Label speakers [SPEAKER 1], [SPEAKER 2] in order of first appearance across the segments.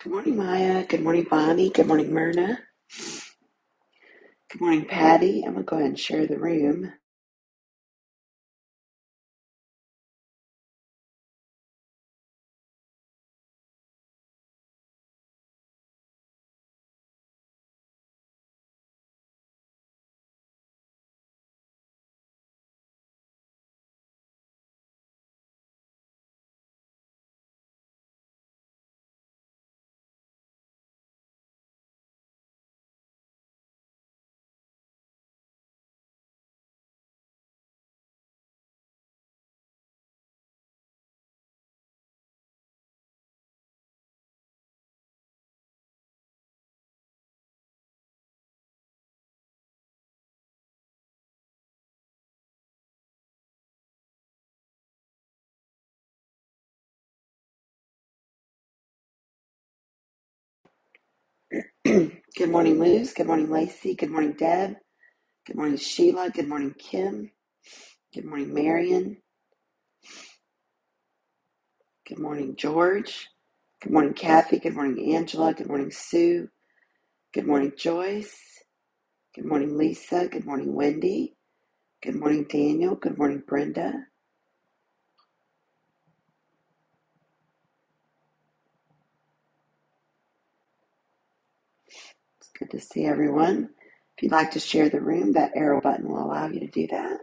[SPEAKER 1] Good morning, Maya. Good morning, Bonnie. Good morning, Myrna. Good morning, Patty. I'm going to go ahead and share the room. Good morning, Luz. Good morning, Lacey. Good morning, Deb. Good morning, Sheila. Good morning, Kim. Good morning, Marion. Good morning, George. Good morning, Kathy. Good morning, Angela. Good morning, Sue. Good morning, Joyce. Good morning, Lisa. Good morning, Wendy. Good morning, Daniel. Good morning, Brenda. It's good to see everyone. If you'd like to share the room, that arrow button will allow you to do that.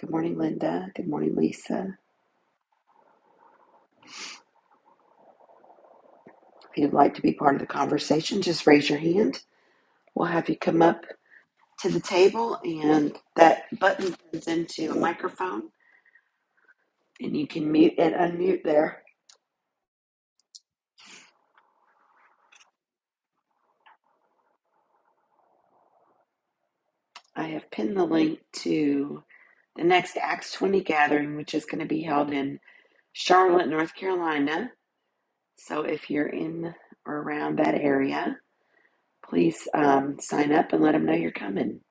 [SPEAKER 1] Good morning, Linda. Good morning, Lisa. If you'd like to be part of the conversation, just raise your hand. We'll have you come up to the table, and that button turns into a microphone, and you can mute and unmute there. I have pinned the link to the next Acts 20 gathering, which is going to be held in Charlotte, North Carolina. So if you're in or around that area, please um, sign up and let them know you're coming.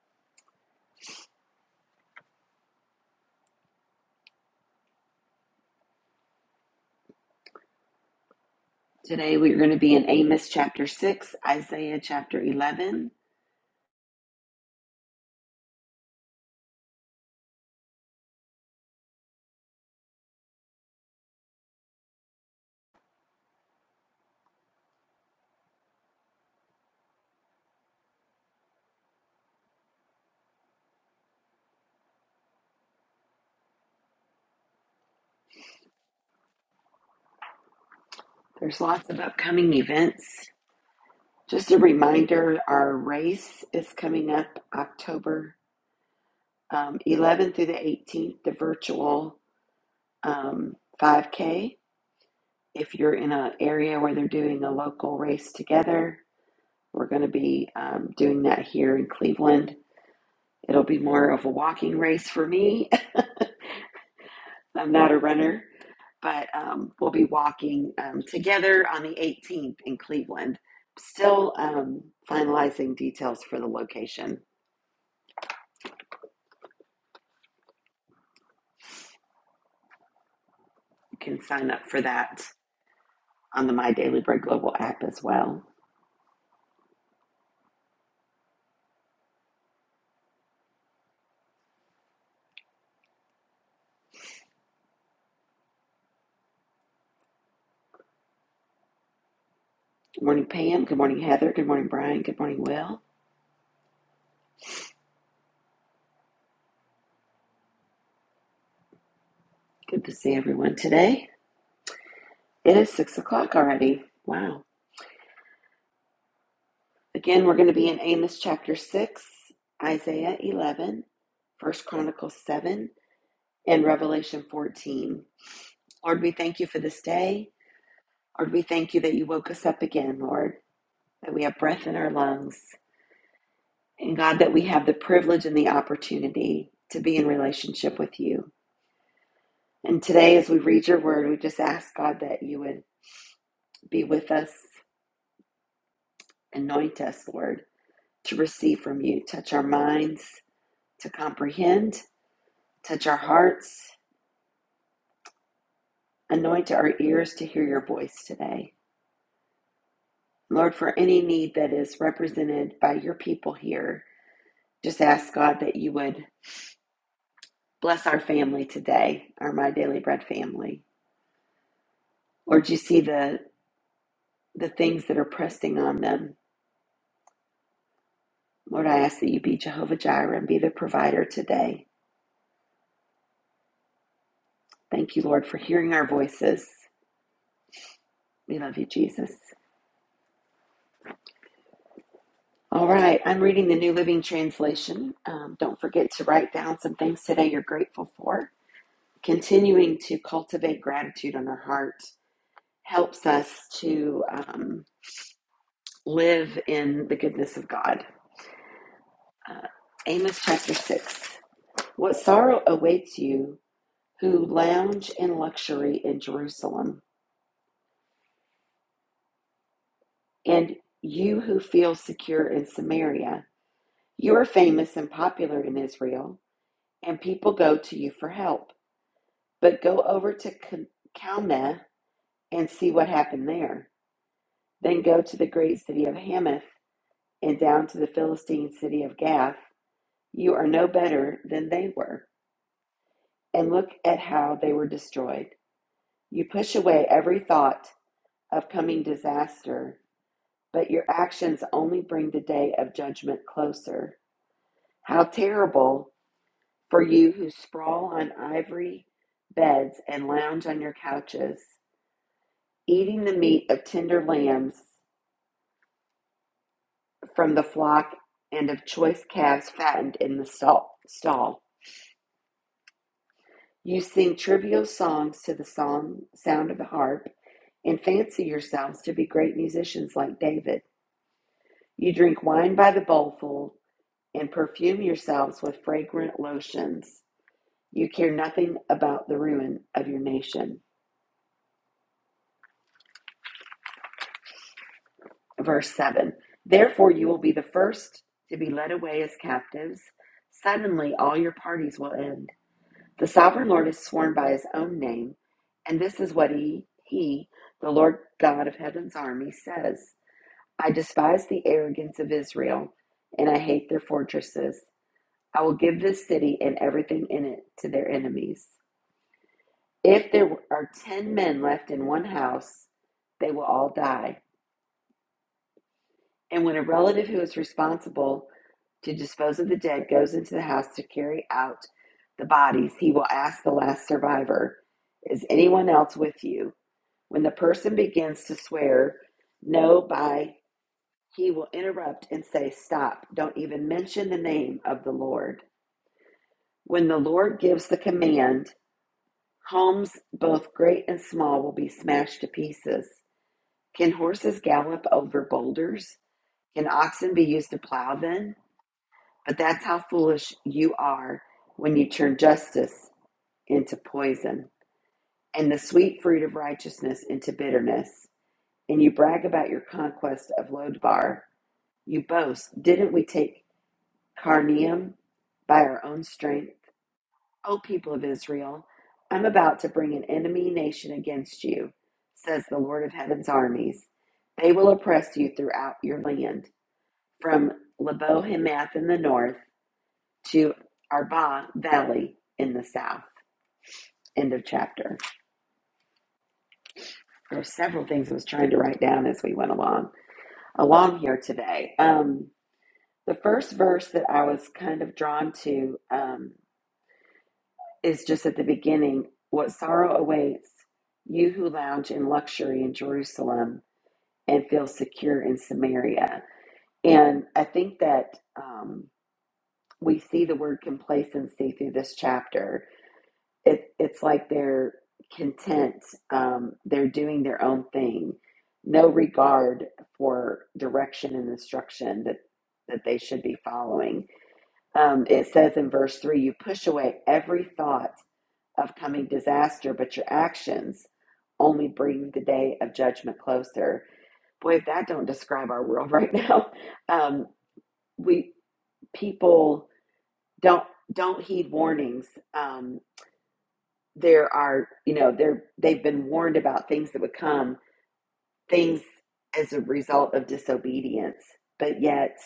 [SPEAKER 1] Today we're going to be in Amos chapter 6, Isaiah chapter 11. There's lots of upcoming events Just a reminder our race is coming up October um, 11th through the 18th, the virtual um, 5K. If you're in an area where they're doing a local race together, we're going to be um, doing that here in Cleveland. It'll be more of a walking race for me. I'm not a runner, but um, we'll be walking um, together on the 18th in Cleveland. Still um, finalizing details for the location can sign up for that on the My Daily Bread Global app as well. Good morning, Pam. Good morning, Heather. Good morning, Brian. Good morning, Will. Good to see everyone today. It is six o'clock already. Wow. Again, we're going to be in Amos chapter six, Isaiah 11, First Chronicles 7, and Revelation 14. Lord, we thank you for this day. Lord, we thank you that you woke us up again, Lord, that we have breath in our lungs. And God, that we have the privilege and the opportunity to be in relationship with you. And today, as we read your word, we just ask God that you would be with us, anoint us, Lord, to receive from you. Touch our minds to comprehend, touch our hearts, anoint our ears to hear your voice today. Lord, for any need that is represented by your people here, just ask God that you would bless our family today, our My Daily Bread family. Lord, you see the, the things that are pressing on them. Lord, I ask that you be Jehovah Jireh and be the provider today. Thank you, Lord, for hearing our voices. We love you, Jesus. All right, I'm reading the New Living Translation. Um, don't forget to write down some things today you're grateful for. Continuing to cultivate gratitude in our heart helps us to um, live in the goodness of God. Uh, Amos chapter 6. What sorrow awaits you who lounge in luxury in Jerusalem, and you who feel secure in Samaria? You are famous and popular in Israel, and people go to you for help. But go over to K- Calneh and see what happened there. Then go to the great city of Hamath and down to the Philistine city of Gath. You are no better than they were. And look at how they were destroyed. You push away every thought of coming disaster, but your actions only bring the day of judgment closer. How terrible For you who sprawl on ivory beds and lounge on your couches, eating the meat of tender lambs from the flock and of choice calves fattened in the stall. stall. You sing trivial songs to the song, sound of the harp and fancy yourselves to be great musicians like David. You drink wine by the bowlful and perfume yourselves with fragrant lotions. You care nothing about the ruin of your nation. verse 7 Therefore, you will be the first to be led away as captives. Suddenly, all your parties will end. The sovereign Lord is sworn by his own name, and this is what he, he, the Lord God of heaven's army, says I despise the arrogance of Israel, and I hate their fortresses. I will give this city and everything in it to their enemies. If there are ten men left in one house, they will all die. And when a relative who is responsible to dispose of the dead goes into the house to carry out the bodies, he will ask the last survivor, Is anyone else with you? When the person begins to swear, No, by he will interrupt and say, Stop, don't even mention the name of the Lord. When the Lord gives the command, homes both great and small will be smashed to pieces. Can horses gallop over boulders? Can oxen be used to plow then? But that's how foolish you are when you turn justice into poison and the sweet fruit of righteousness into bitterness, and you brag about your conquest of Lodabar. You boast, didn't we take Carnium by our own strength? O people of Israel, I'm about to bring an enemy nation against you, says the Lord of heaven's armies. They will oppress you throughout your land, from Lebo Hamath in the north to Arba Valley in the south. End of chapter. There's several things I was trying to write down as we went along along here today. Um, the first verse that I was kind of drawn to um, is just at the beginning. What sorrow awaits you who lounge in luxury in Jerusalem and feel secure in Samaria. And I think that um, we see the word complacency through this chapter it, it's like they're content um, they're doing their own thing no regard for direction and instruction that that they should be following um, it says in verse 3 you push away every thought of coming disaster but your actions only bring the day of judgment closer boy if that don't describe our world right now um, we people don't don't heed warnings um, there are you know they're they've been warned about things that would come things as a result of disobedience but yet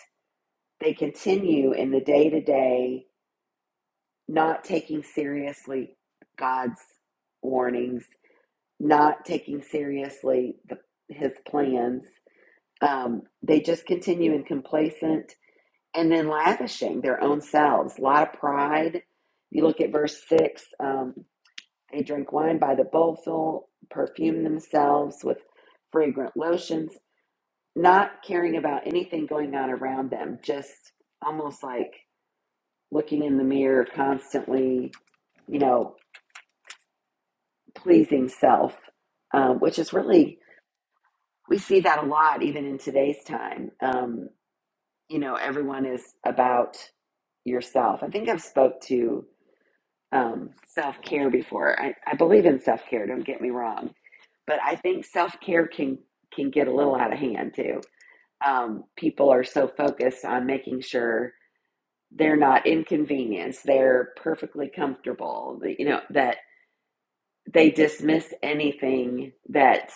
[SPEAKER 1] they continue in the day to day not taking seriously god's warnings not taking seriously the, his plans um, they just continue in complacent and then lavishing their own selves a lot of pride you look at verse 6 um, They drink wine by the bowlful, perfume themselves with fragrant lotions, not caring about anything going on around them, just almost like looking in the mirror constantly, you know, pleasing self, um, which is really, we see that a lot even in today's time. Um, you know, everyone is about yourself. I think I've spoke to um, self care before. I, I believe in self care. Don't get me wrong, but I think self care can can get a little out of hand too. Um, people are so focused on making sure they're not inconvenienced. They're perfectly comfortable. You know that they dismiss anything that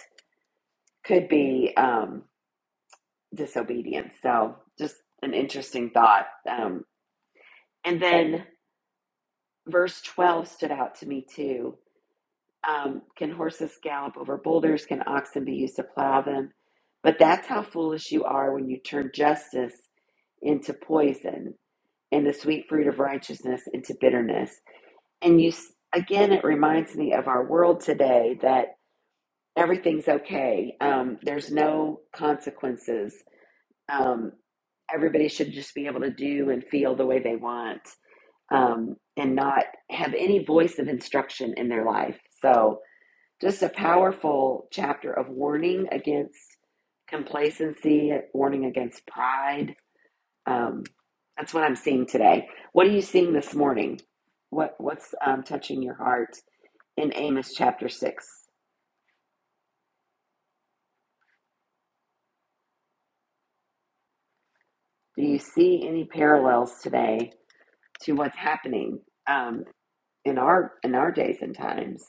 [SPEAKER 1] could be um, disobedience. So just an interesting thought. Um, and then verse twelve stood out to me too Um, can horses gallop over boulders? Can oxen be used to plow them? But that's how foolish you are when you turn justice into poison and the sweet fruit of righteousness into bitterness. And you, s- again, it reminds me of our world today that everything's okay. Um, there's no consequences. Um, everybody should just be able to do and feel the way they want um, and not have any voice of instruction in their life. So, just a powerful chapter of warning against complacency, warning against pride. Um, that's what I'm seeing today. What are you seeing this morning? What what's um, touching your heart in Amos chapter six? Do you see any parallels today to what's happening um, in our in our days and times?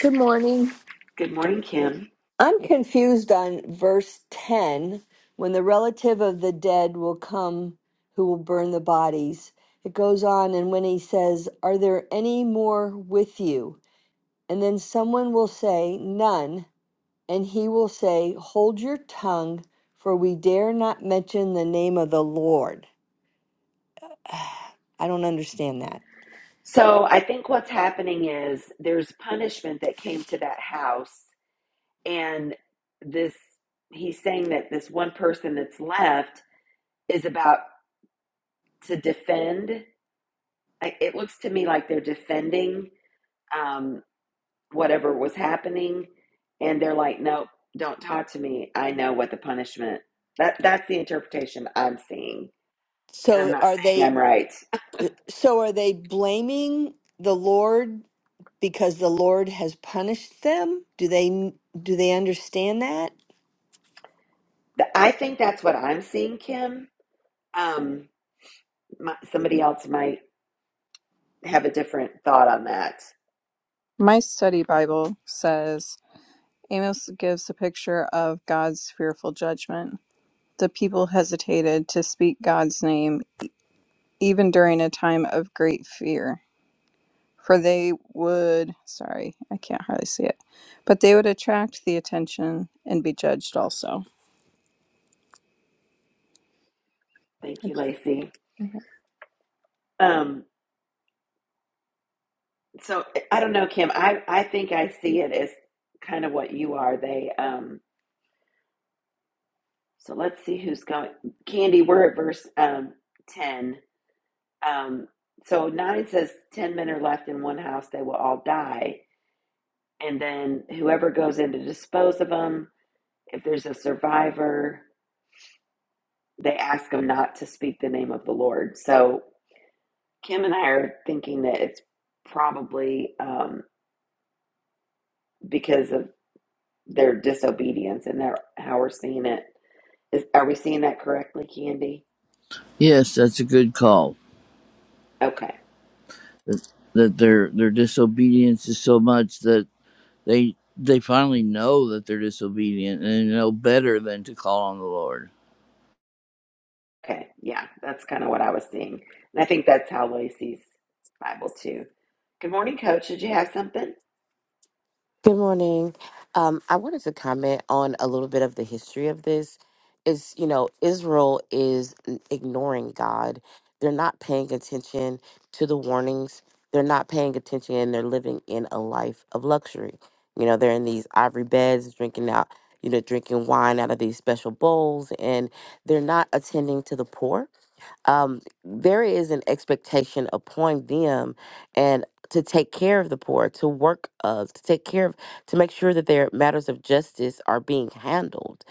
[SPEAKER 2] Good morning.
[SPEAKER 1] Good morning, Kim.
[SPEAKER 2] I'm confused on verse 10 when the relative of the dead will come who will burn the bodies. It goes on, and when he says, Are there any more with you? And then someone will say, None. And he will say, Hold your tongue, for we dare not mention the name of the Lord. I don't understand that.
[SPEAKER 1] So I think what's happening is there's punishment that came to that house and this he's saying that this one person that's left is about to defend like, it looks to me like they're defending um, whatever was happening and they're like nope don't talk to me i know what the punishment that that's the interpretation i'm seeing and i'm
[SPEAKER 2] So
[SPEAKER 1] not
[SPEAKER 2] are
[SPEAKER 1] saying
[SPEAKER 2] they
[SPEAKER 1] i'm right
[SPEAKER 2] so are they blaming the Lord because the Lord has punished them? Do they do they understand that?
[SPEAKER 1] i think that's what i'm seeing kim um, my, somebody else might have a different thought on that
[SPEAKER 3] My study Bible says Amos gives a picture of God's fearful judgment. The people hesitated to speak God's name even during a time of great fear, for they would, sorry, I can't hardly see it, but they would attract the attention and be judged also.
[SPEAKER 1] thank you lacey Um, so I don't know, Kim. I, I think I see it as kind of what you are. They um so let's see who's going. Candy, we're at verse um ten. Um so nine says ten men are left in one house, they will all die. And then whoever goes in to dispose of them, if there's a survivor, they ask them not to speak the name of the Lord. So Kim and I are thinking that it's probably um, because of their disobedience and their how we're seeing it. Is are we seeing that correctly, Candy?
[SPEAKER 4] Yes, that's a good call.
[SPEAKER 1] Okay.
[SPEAKER 4] That, that their their disobedience is so much that they they finally know that they're disobedient and know better than to call on the Lord.
[SPEAKER 1] Okay. Yeah, that's kind of what I was seeing. And I think that's how Lacey's Bible too. Good morning, Coach. Did you have something?
[SPEAKER 5] Good morning. Um, I wanted to comment on a little bit of the history of this. Is you know Israel is n- ignoring God. They're not paying attention to the warnings. They're not paying attention, and they're living in a life of luxury. You know they're in these ivory beds, drinking out, you know, drinking wine out of these special bowls, and they're not attending to the poor um, there is an expectation upon them and to take care of the poor to work of to take care of to make sure that their matters of justice are being handled.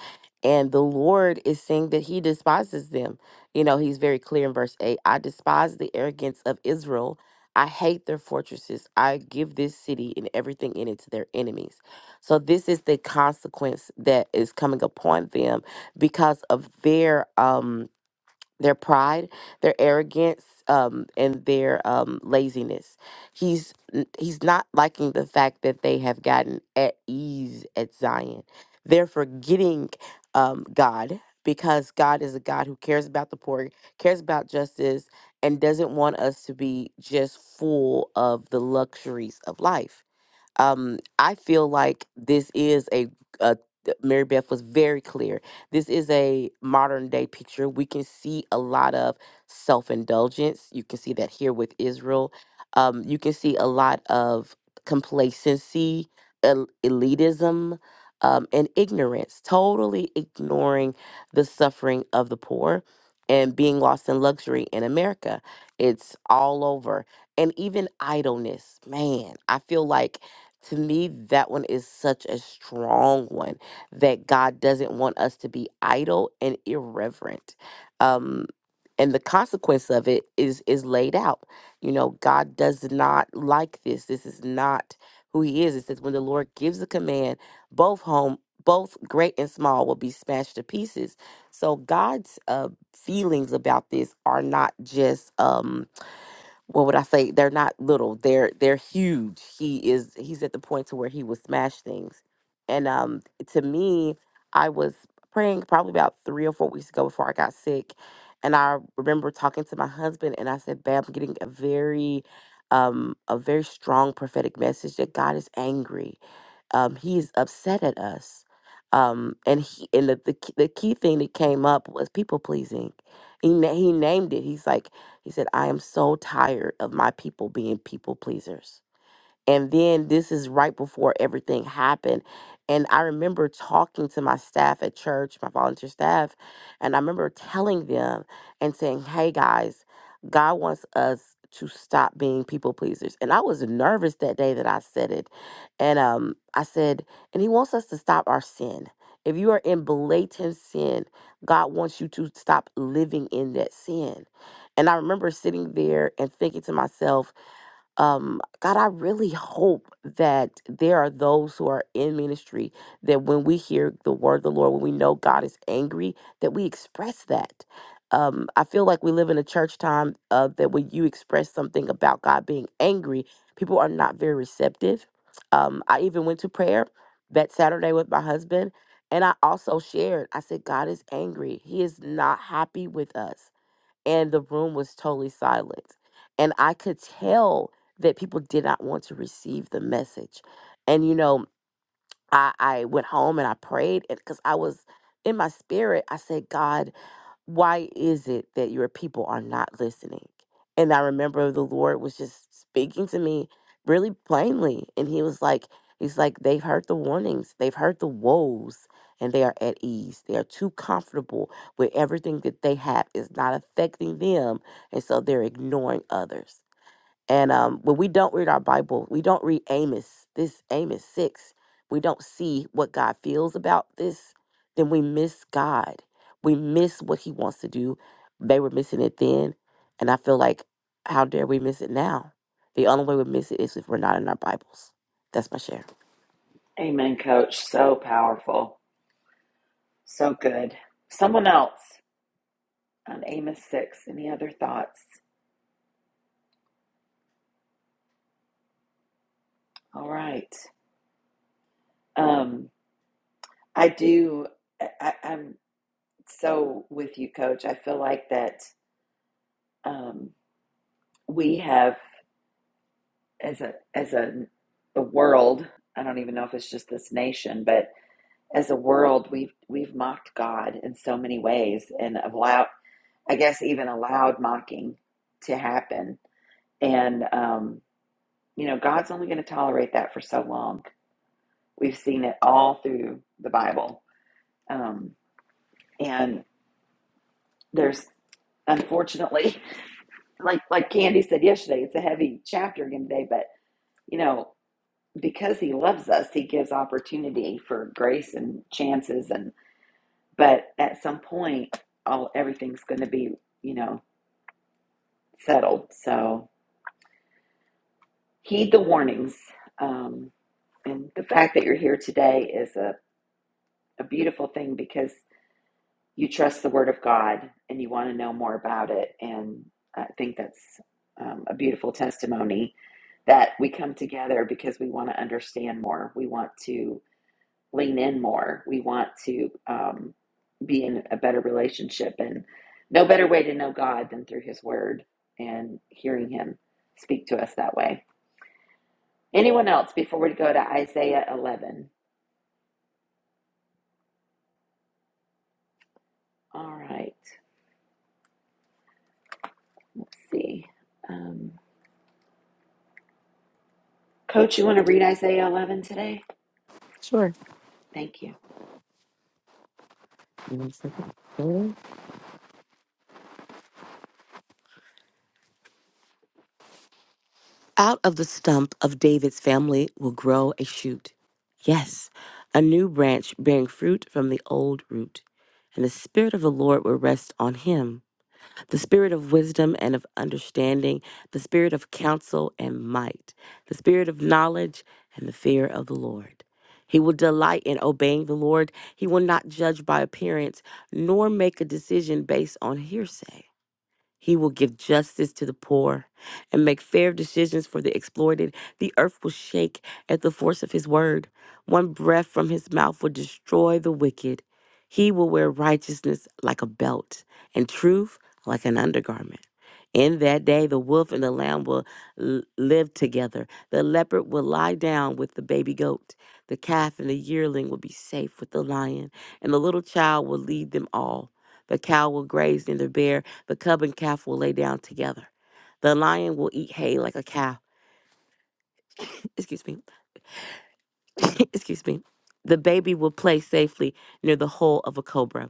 [SPEAKER 5] And the Lord is saying that He despises them. You know, He's very clear in verse 8 I despise the arrogance of Israel. I hate their fortresses. I give this city and everything in it to their enemies. So, this is the consequence that is coming upon them because of their um, their pride, their arrogance, um, and their um, laziness. He's n- he's not liking the fact that they have gotten at ease at Zion. They're forgetting um, God because God is a God who cares about the poor, cares about justice, and doesn't want us to be just full of the luxuries of life um, I feel like this is a, a Mary Beth was very clear. This is a modern day picture. We can see a lot of self indulgence. You can see that here with Israel. Um, you can see a lot of complacency, el- elitism, um, and ignorance, totally ignoring the suffering of the poor and being lost in luxury in America. It's all over. And even idleness. Man, I feel like to me, that one is such a strong one that God doesn't want us to be idle and irreverent. Um, and the consequence of it is is laid out. You know, God does not like this. This is not who He is. It says when the Lord gives a command, both home, both great and small, will be smashed to pieces. So God's uh, feelings about this are not just. Um, what would I say? They're not little. They're they're huge. He is he's at the point to where he will smash things. And um to me, I was praying probably about three or four weeks ago before I got sick. And I remember talking to my husband and I said, Babe, I'm getting a very um a very strong prophetic message that God is angry um, he's upset at us. Um, and he and the, the key- the key thing that came up was people pleasing. He na- he named it. He's like he said, I am so tired of my people being people pleasers. And then this is right before everything happened. And I remember talking to my staff at church, my volunteer staff, and I remember telling them and saying, hey guys, God wants us to stop being people pleasers. And I was nervous that day that I said it. And um, I said, and He wants us to stop our sin. If you are in blatant sin, God wants you to stop living in that sin. And I remember sitting there and thinking to myself, um, God, I really hope that there are those who are in ministry that when we hear the word of the Lord, when we know God is angry, that we express that. Um, I feel like we live in a church time uh, that when you express something about God being angry, people are not very receptive. Um, I even went to prayer that Saturday with my husband, and I also shared, I said, God is angry. He is not happy with us and the room was totally silent. And I could tell that people did not want to receive the message. And, you know, I, I went home and I prayed because I was in my spirit. I said, God, why is it that your people are not listening? And I remember the Lord was just speaking to me really plainly. And he was like, He's like, they've heard the warnings, they've heard the woes, and they are at ease. They are too comfortable with everything that they have is not affecting them. And so they're ignoring others. And um, when we don't read our Bible, we don't read Amos, this Amos 6, we don't see what God feels about this, then we miss God. We miss what he wants to do. They were missing it then. And I feel like, how dare we miss it now? The only way we miss it is if we're not in our Bibles. That's my share.
[SPEAKER 1] Amen, coach. So powerful. So good. Someone else on Amos 6. Any other thoughts? All right. Um, I do, I, I- I'm so with you, Coach. I feel like that um, we have. as a as a the world i don't even know if it's just this nation but as a world we've we've mocked god in so many ways and allowed i guess even allowed mocking to happen and um you know god's only going to tolerate that for so long we've seen it all through the bible um and there's unfortunately like like candy said yesterday it's a heavy chapter again today but you know because he loves us, he gives opportunity for grace and chances and but at some point all everything's gonna be, you know, settled. So heed the warnings. Um, and the fact that you're here today is a, a beautiful thing because you trust the word of God and you want to know more about it. And I think that's um, a beautiful testimony that we come together because we want to understand more. We want to lean in more. We want to um, be in a better relationship, and no better way to know God than through His Word and hearing Him speak to us that way. Anyone else before we go to Isaiah 11? All right, let's see. Um, Coach, you want to read Isaiah 11 today?
[SPEAKER 5] Sure.
[SPEAKER 1] Thank you.
[SPEAKER 5] Out of the stump of David's family will grow a shoot. Yes, a new branch bearing fruit from the old root. And the Spirit of the Lord will rest on him the Spirit of wisdom and of understanding, the Spirit of counsel and might, the Spirit of knowledge and the fear of the Lord. He will delight in obeying the Lord. He will not judge by appearance, nor make a decision based on hearsay. He will give justice to the poor and make fair decisions for the exploited. The earth will shake at the force of his word. One breath from his mouth will destroy the wicked. He will wear righteousness like a belt and truth like an undergarment. In that day, the wolf and the lamb will l- live together. The leopard will lie down with the baby goat. The calf and the yearling will be safe with the lion, and the little child will lead them all. The cow will graze near the bear the cub and calf will lay down together. The lion will eat hay like a cow. Excuse me. Excuse me. The baby will play safely near the hole of a cobra.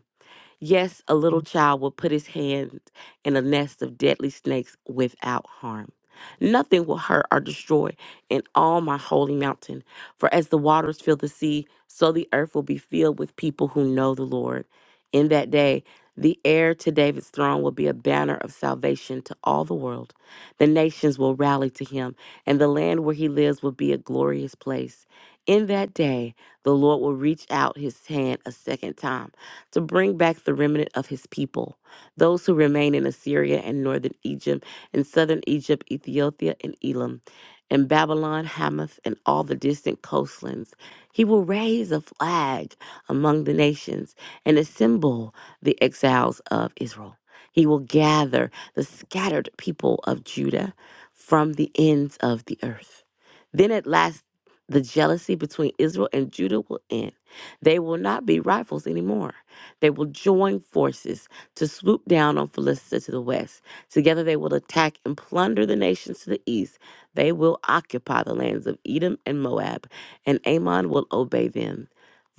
[SPEAKER 5] Yes, a little child will put his hand in a nest of deadly snakes without harm. Nothing will hurt or destroy in all my holy mountain. For as the waters fill the sea, so the earth will be filled with people who know the Lord. In that day, the heir to David's throne will be a banner of salvation to all the world. The nations will rally to him, and the land where he lives will be a glorious place. In that day, the Lord will reach out his hand a second time to bring back the remnant of his people, those who remain in Assyria and northern Egypt, and southern Egypt, Ethiopia, and Elam, and Babylon, Hamath, and all the distant coastlands. He will raise a flag among the nations and assemble the exiles of Israel. He will gather the scattered people of Judah from the ends of the earth. Then at last, the jealousy between Israel and Judah will end. They will not be rivals anymore. They will join forces to swoop down on Philistia to the west. Together they will attack and plunder the nations to the east. They will occupy the lands of Edom and Moab, and Ammon will obey them.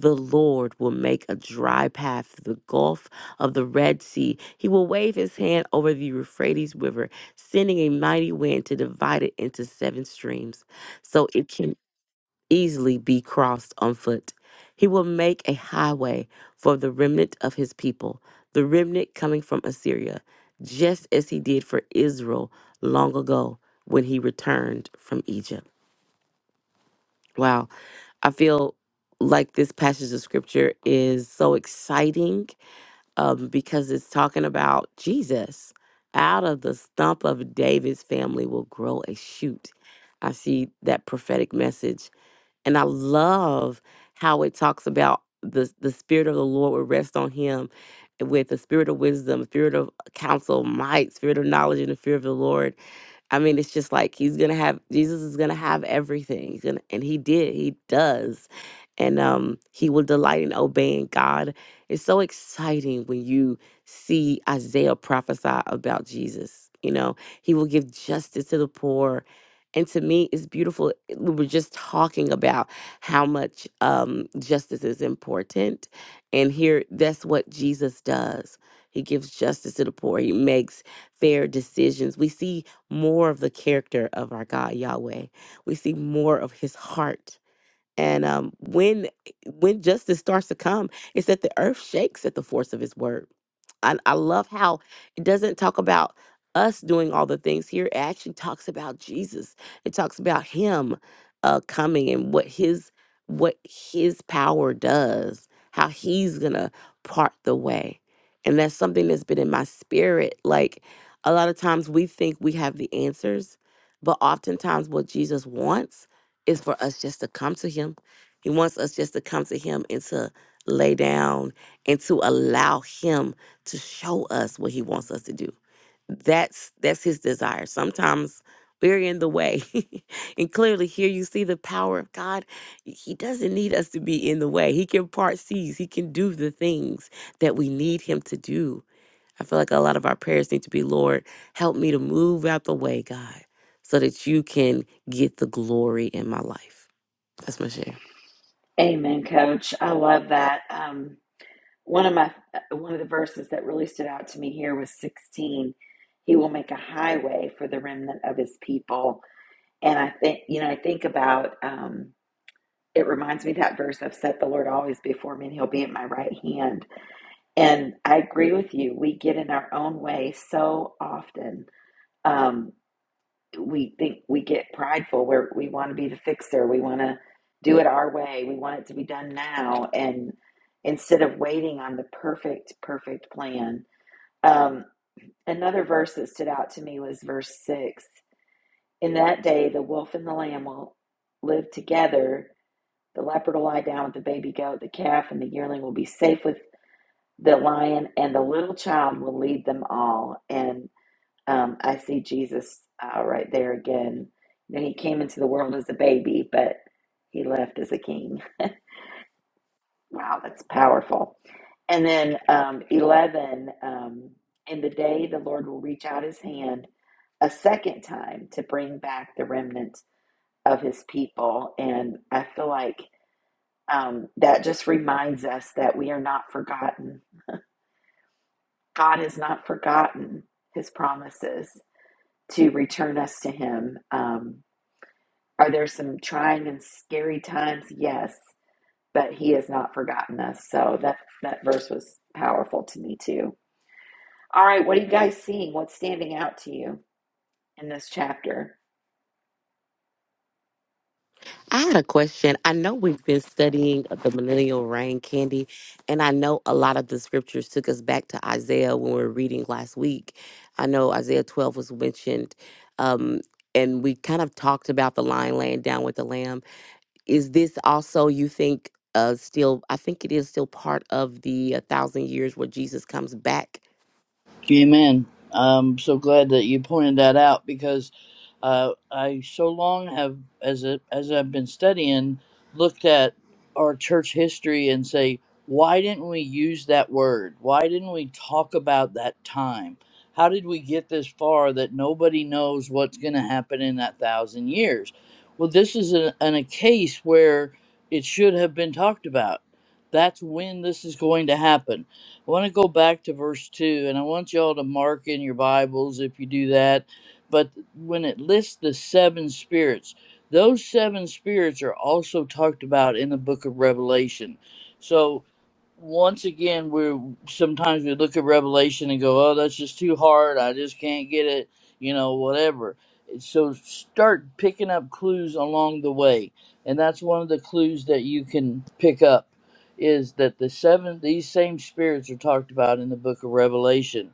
[SPEAKER 5] The Lord will make a dry path through the gulf of the Red Sea. He will wave his hand over the Euphrates River, sending a mighty wind to divide it into seven streams. So it can easily be crossed on foot. He will make a highway for the remnant of his people, the remnant coming from Assyria, just as he did for Israel long ago when he returned from Egypt. Wow, I feel like this passage of scripture is so exciting um, because it's talking about Jesus. Out of the stump of David's family will grow a shoot. I see that prophetic message and I love how it talks about the the spirit of the Lord will rest on him with the spirit of wisdom, spirit of counsel, might, spirit of knowledge, and the fear of the Lord. I mean, it's just like he's gonna have Jesus is gonna have everything. He's gonna and he did, he does. And um he will delight in obeying God. It's so exciting when you see Isaiah prophesy about Jesus. You know, he will give justice to the poor. And to me, it's beautiful. We were just talking about how much um, justice is important. And here, that's what Jesus does. He gives justice to the poor. He makes fair decisions. We see more of the character of our God Yahweh. We see more of his heart. And um, when when justice starts to come, it's that the earth shakes at the force of His word. I, I love how it doesn't talk about us doing all the things here. It actually talks about Jesus. It talks about Him uh, coming and what His what His power does, how He's gonna part the way, and that's something that's been in my spirit. Like a lot of times we think we have the answers, but oftentimes what Jesus wants is for us just to come to him. He wants us just to come to him and to lay down and to allow him to show us what he wants us to do. That's that's his desire. Sometimes we're in the way. and clearly here you see the power of God. He doesn't need us to be in the way. He can part seas. He can do the things that we need him to do. I feel like a lot of our prayers need to be, Lord, help me to move out the way, God, so that you can get the glory in my life. That's my share.
[SPEAKER 1] Amen, Coach. I love that. Um, one of my one of the verses that really stood out to me here was 16. He will make a highway for the remnant of his people And I think, you know, I think about um, it reminds me of that verse I've set the Lord always before me and he'll be at my right hand. And I agree with you. We get in our own way so often. Um, we think we get prideful where we want to be the fixer. We want to do it our way. We want it to be done now. And instead of waiting on the perfect, perfect plan. Um, another verse that stood out to me was verse six. In that day, the wolf and the lamb will live together The leopard will lie down with the baby goat, the calf and the yearling will be safe with the lion, and the little child will lead them all. And um, I see Jesus uh, right there again. You know, he came into the world as a baby, but he left as a king. Wow, that's powerful. And then um, 11, um, in the day the Lord will reach out his hand a second time to bring back the remnant of his people. And I feel like um, that just reminds us that we are not forgotten. God has not forgotten his promises to return us to him. Um, are there some trying and scary times? Yes, but he has not forgotten us. So that, that verse was powerful to me too. All right, what are you guys seeing? What's standing out to you in this chapter?
[SPEAKER 5] I had a question. I know we've been studying the millennial reign, Candy, and I know a lot of the scriptures took us back to Isaiah when we were reading last week. I know Isaiah 12 was mentioned, um, and we kind of talked about the lion laying down with the lamb. Is this also, you think, uh, still, I think it is still part of the a thousand years where Jesus comes back
[SPEAKER 4] Amen. I'm so glad that you pointed that out because uh, I so long have, as a, as I've been studying, looked at our church history and say, why didn't we use that word? Why didn't we talk about that time? How did we get this far that nobody knows what's going to happen in that thousand years? Well, this is a, an, a case where it should have been talked about. That's when this is going to happen I want to go back to verse 2, and I want you all to mark in your Bibles if you do that. But when it lists the seven spirits, those seven spirits are also talked about in the book of Revelation. So, once again, we're sometimes we look at Revelation and go, oh, that's just too hard. I just can't get it, you know, whatever. So, start picking up clues along the way. And that's one of the clues that you can pick up is that the seven these same spirits are talked about in the book of Revelation,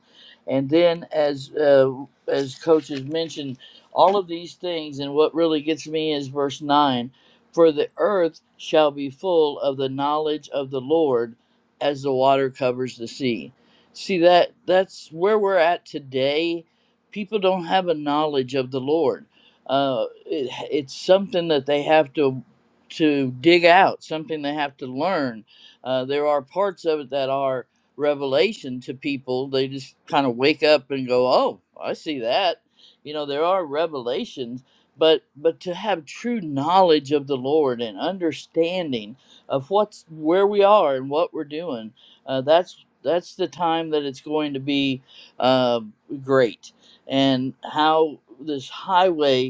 [SPEAKER 4] and then as uh, as Coach has mentioned, all of these things, and what really gets me is verse nine, for the earth shall be full of the knowledge of the Lord, as the water covers the sea. See that that's where we're at today. People don't have a knowledge of the Lord. Uh, it, it's something that they have to to dig out, something they have to learn uh, there are parts of it that are revelation to people. They just kind of wake up and go, "Oh, I see that." You know, there are revelations, but but to have true knowledge of the Lord and understanding of what's where we are and what we're doing, uh, that's that's the time that it's going to be uh, great. And how this highway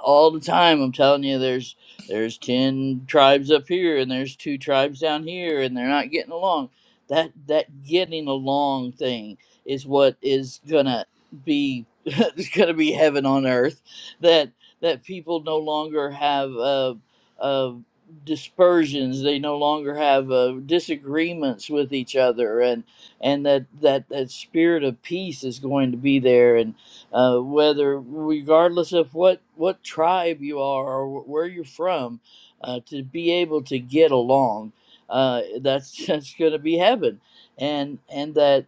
[SPEAKER 4] all the time i'm telling you there's there's 10 tribes up here and there's two tribes down here and they're not getting along that that getting along thing is what is gonna be is gonna be heaven on earth that that people no longer have uh uh dispersions they no longer have uh, disagreements with each other and and that that that spirit of peace is going to be there and uh, whether regardless of what what tribe you are or wh- where you're from, uh, to be able to get along, uh, that's that's going to be heaven, and and that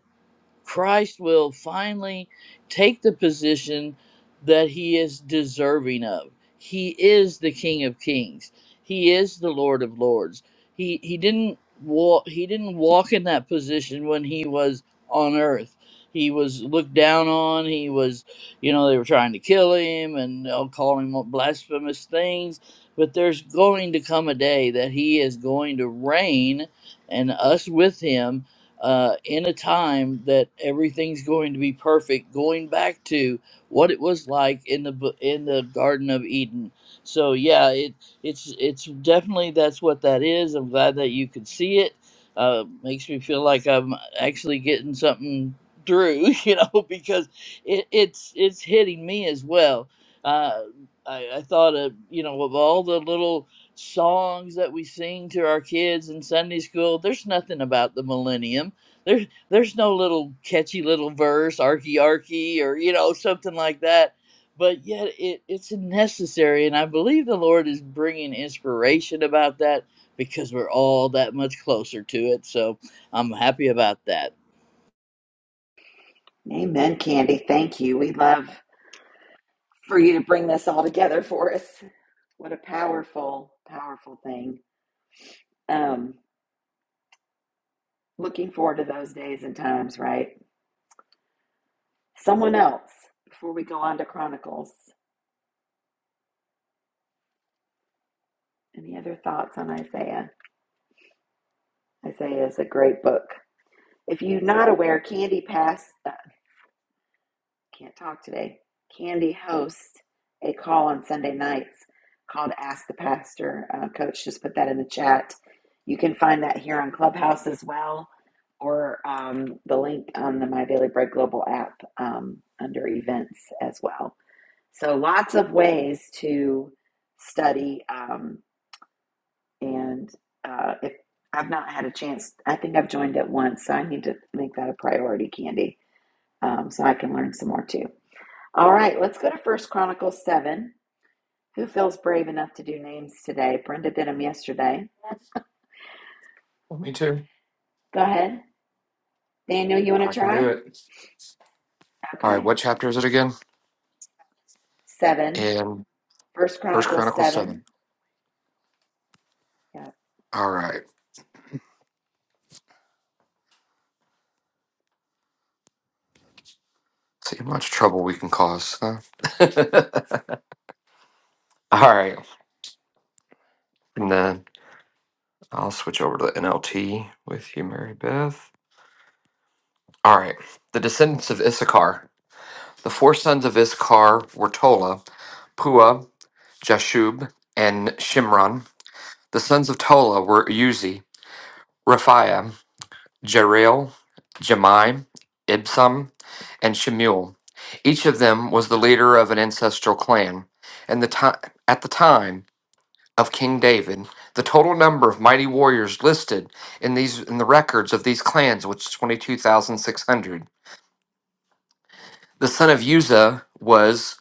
[SPEAKER 4] Christ will finally take the position that he is deserving of. He is the King of Kings. He is the Lord of Lords. He he didn't walk he didn't walk in that position when he was on earth. He was looked down on. He was, you know, they were trying to kill him and they'll call him blasphemous things. But there's going to come a day that he is going to reign and us with him uh, in a time that everything's going to be perfect, going back to what it was like in the bu- in the Garden of Eden. So yeah, it it's it's definitely that's what that is. I'm glad that you could see it. Uh, makes me feel like I'm actually getting something through, you know, because it, it's it's hitting me as well. Uh, I, I thought of you know of all the little songs that we sing to our kids in Sunday school, there's nothing about the millennium. There, there's no little catchy little verse, arky arky, or you know something like that. But yet it, it's necessary, and I believe the Lord is bringing inspiration about that because we're all that much closer to it. So I'm happy about that.
[SPEAKER 1] Amen, Candy. Thank you. We love for you to bring this all together for us. What a powerful, powerful thing. Um, Looking forward to those days and times, right? Someone else, before we go on to Chronicles, any other thoughts on Isaiah? Isaiah is a great book. If you're not aware, Candy Pass, uh, can't talk today, Candy hosts a call on Sunday nights called Ask the Pastor. Uh, Coach just put that in the chat. You can find that here on Clubhouse as well, or um, the link on the My Daily Bread Global app um, under events as well. So lots of ways to study, um, and uh, if I've not had a chance, I think I've joined it once, so I need to make that a priority, Candy, um, so I can learn some more too. All right, let's go to First Chronicles seven. Who feels brave enough to do names today? Brenda did them yesterday.
[SPEAKER 6] Well, me too.
[SPEAKER 1] Go ahead, Daniel. You want
[SPEAKER 6] I
[SPEAKER 1] to
[SPEAKER 6] can do
[SPEAKER 1] try?
[SPEAKER 6] it. All right,
[SPEAKER 1] Okay.
[SPEAKER 6] what chapter is it again?
[SPEAKER 1] Seven.
[SPEAKER 6] In
[SPEAKER 1] First
[SPEAKER 6] First
[SPEAKER 1] Chronicles
[SPEAKER 6] Chronicles seven.
[SPEAKER 1] seven. Yeah.
[SPEAKER 6] All right. See how much trouble we can cause. Huh? All right. And then I'll switch over to the NLT with you, Mary Beth. All right. The descendants of Issachar. The four sons of Issachar were Tola, Pua, Jashub, and Shimron. The sons of Tola were Uzi, Raphaim, Jeriel, Jemai, Ibsam, and Shemuel. Each of them was the leader of an ancestral clan. And the ti- at the time of King David, the total number of mighty warriors listed in these in the records of these clans was twenty two thousand six hundred. The son of Uzzah was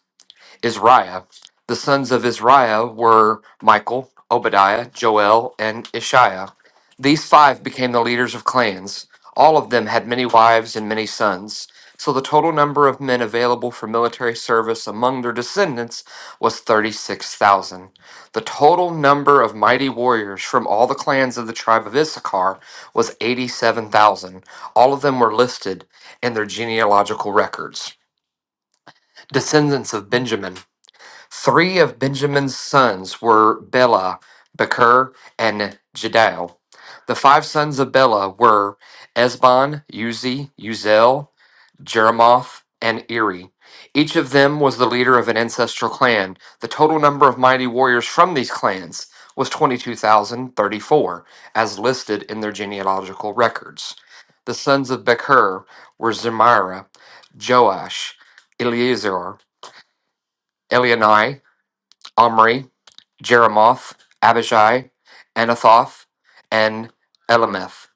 [SPEAKER 6] Isaiah. The sons of Isaiah were Michael, Obadiah, Joel, and Ishiah. These five became the leaders of clans. All of them had many wives and many sons. So the total number of men available for military service among their descendants was 36,000. The total number of mighty warriors from all the clans of the tribe of Issachar was 87,000. All of them were listed in their genealogical records. Descendants of Benjamin. Three of Benjamin's sons were Bela, Becher, and Jediel. The five sons of Bela were Esbon, Uzi, Uzel, Jeremoth, and Eri. Each of them was the leader of an ancestral clan. The total number of mighty warriors from these clans was 22,034, as listed in their genealogical records. The sons of Becher were Zemira, Joash, Eleazar, Elionai, Omri, Jeremoth, Abishai, Anathoth, and Elameth.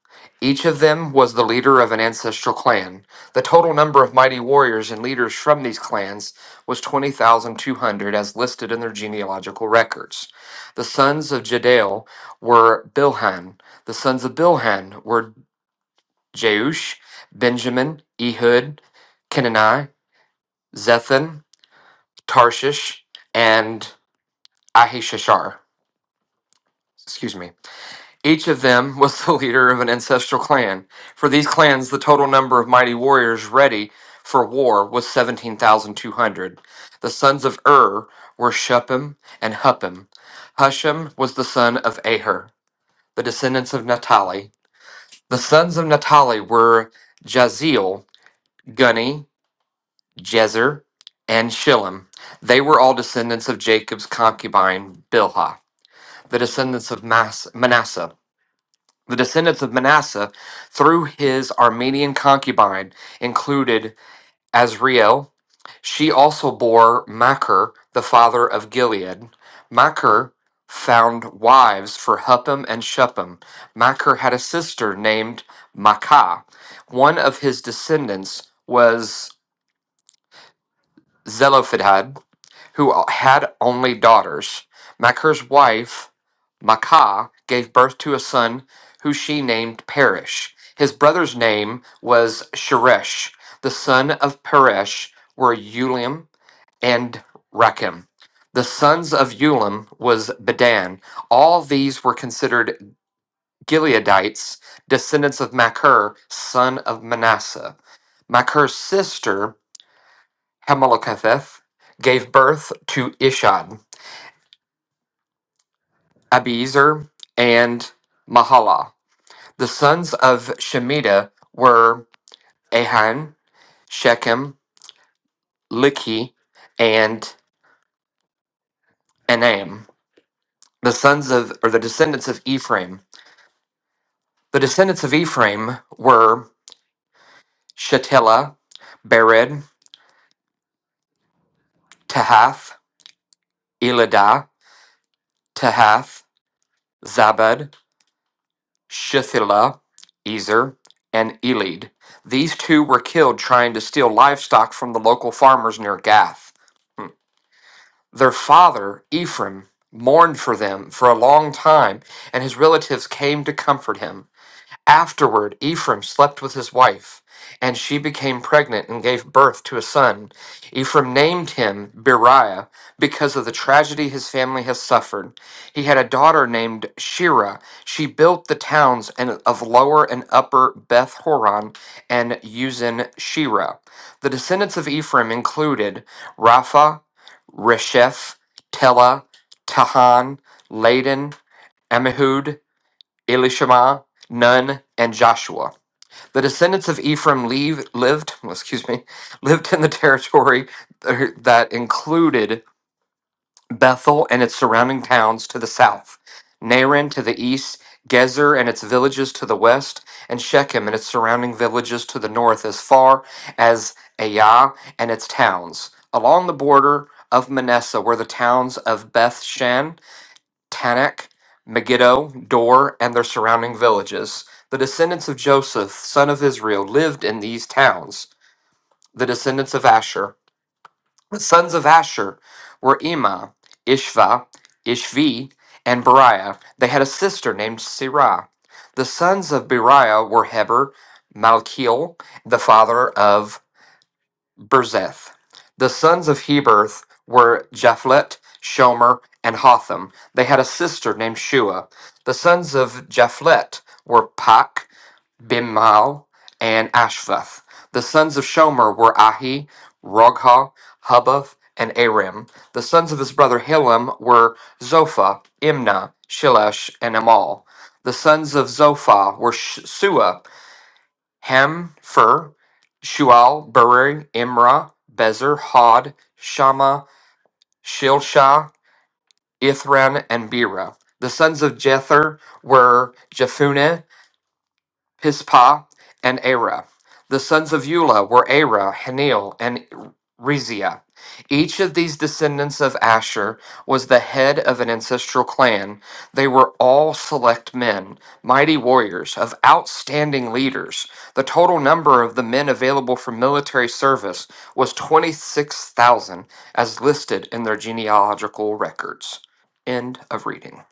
[SPEAKER 6] Each of them was the leader of an ancestral clan. The total number of mighty warriors and leaders from these clans was 20,200 as listed in their genealogical records. The sons of Jediel were Bilhan. The sons of Bilhan were Jeush, Benjamin, Ehud, Kenani, Zethan, Tarshish, and Ahishashar. Excuse me. Each of them was the leader of an ancestral clan. For these clans, the total number of mighty warriors ready for war was 17,200. The sons of Ur were Shuppim and Huppim. Hushim was the son of Aher, the descendants of Naphtali. The sons of Naphtali were Jaziel, Guni, Jezer, and Shillem. They were all descendants of Jacob's concubine, Bilhah, the descendants of Mas- Manasseh. The descendants of Manasseh, through his Armenian concubine, included Azriel. She also bore Machir, the father of Gilead. Machir found wives for Huppim and Shuppim. Machir had a sister named Makah. One of his descendants was Zelophehad, who had only daughters. Machir's wife, Makah, gave birth to a son who she named Perish. His brother's name was Sheresh. The son of Peresh were Ulam and Rakim. The sons of Ulam was Bedan. All these were considered Gileadites, descendants of Machir, son of Manasseh. Machir's sister, Hameliketheth, gave birth to Ishad. Abiezer, and Mahalah. The sons of Shemitah were Ahan, Shechem, Likhi, and Anam. The sons of, or the descendants of Ephraim. The descendants of Ephraim were Shetelah, Bered, Tahath, Elidah, Tahath, Zabad, Shethillah, Ezer, and Elid. These two were killed trying to steal livestock from the local farmers near Gath. Their father, Ephraim, mourned for them for a long time, and his relatives came to comfort him. Afterward, Ephraim slept with his wife, and she became pregnant and gave birth to a son. Ephraim named him Beriah because of the tragedy his family has suffered. He had a daughter named Shirah. She built the towns and- of Lower and Upper Beth Horon and Uzin Shirah. The descendants of Ephraim included Rapha Resheph, Tela, Tahan, Laden, Amihud, Elishama, Nun, and Joshua. The descendants of Ephraim leave, lived, excuse me, lived in the territory that included Bethel and its surrounding towns to the south, Naran to the east, Gezer and its villages to the west, and Shechem and its surrounding villages to the north, as far as Aiah and its towns. Along the border of Manasseh were the towns of Beth Shan, Tanakh, Megiddo, Dor, and their surrounding villages. The descendants of Joseph, son of Israel, lived in these towns. The descendants of Asher. The sons of Asher were Emah, Ishva, Ishvi, and Beriah. They had a sister named Sirah. The sons of Beriah were Heber, Malkiel, the father of Berzeth. The sons of Heberth were Japhlet, Shomer, and Hotham. They had a sister named Shua. The sons of Japhlet were Pak. Bimhal, and Ashvath. The sons of Shomer were Ahi, Rogha, Hubath, and Arim. The sons of his brother Hilam were Zophah, Imnah, Shilesh, and Amal. The sons of Zophah were Sh- Sua, Ham, Fur, Shual, Beri, Imra, Bezer, Hod, Shama, Shilsha, Ithran, and Bera. The sons of Jether were Jephunneh, Pispa and Arah. The sons of Eula were Arah, Hanil, and Reziah. Each of these descendants of Asher was the head of an ancestral clan. They were all select men, mighty warriors, of outstanding leaders. The total number of the men available for military service was 26,000, as listed in their genealogical records. End of reading.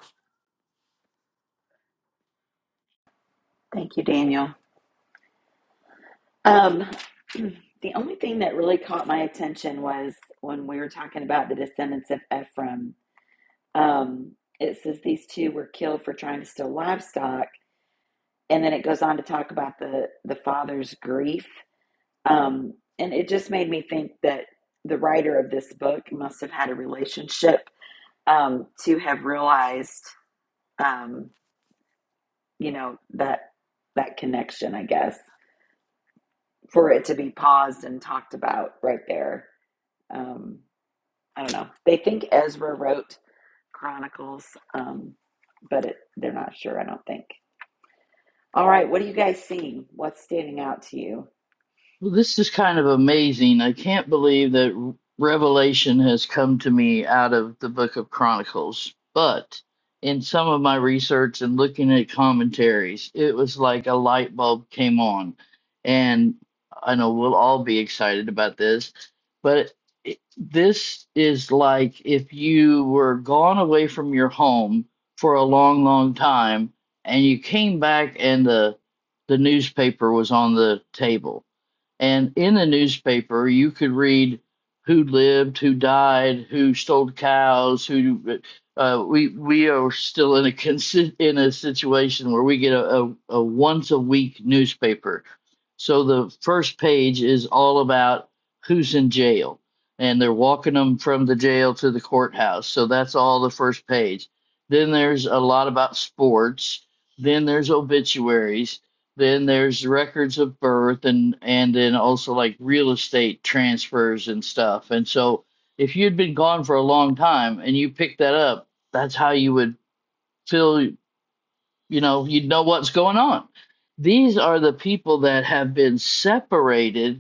[SPEAKER 1] Thank you, Daniel. Um, the only thing that really caught my attention was when we were talking about the descendants of Ephraim. Um, it says these two were killed for trying to steal livestock, and then it goes on to talk about the the father's grief. Um, and it just made me think that the writer of this book must have had a relationship um, to have realized, um, you know, that that connection. I guess for it to be paused and talked about right there. Um, I don't know. They think Ezra wrote Chronicles, um, but it, they're not sure, I don't think. All right, what are you guys seeing? What's standing out to you?
[SPEAKER 4] Well, this is kind of amazing. I can't believe that Revelation has come to me out of the book of Chronicles. But in some of my research and looking at commentaries, it was like a light bulb came on. And I know we'll all be excited about this, but it, this is like if you were gone away from your home for a long, long time and you came back and the the newspaper was on the table and in the newspaper, you could read who lived, who died, who stole cows, who. Uh, we we are still in a in a situation where we get a, a, a once a week newspaper. So the first page is all about who's in jail, and they're walking them from the jail to the courthouse. So that's all the first page. Then there's a lot about sports. Then there's obituaries then there's records of birth and and then also like real estate transfers and stuff. And so if you'd been gone for a long time and you picked that up, that's how you would feel, you know, you'd know what's going on. These are the people that have been separated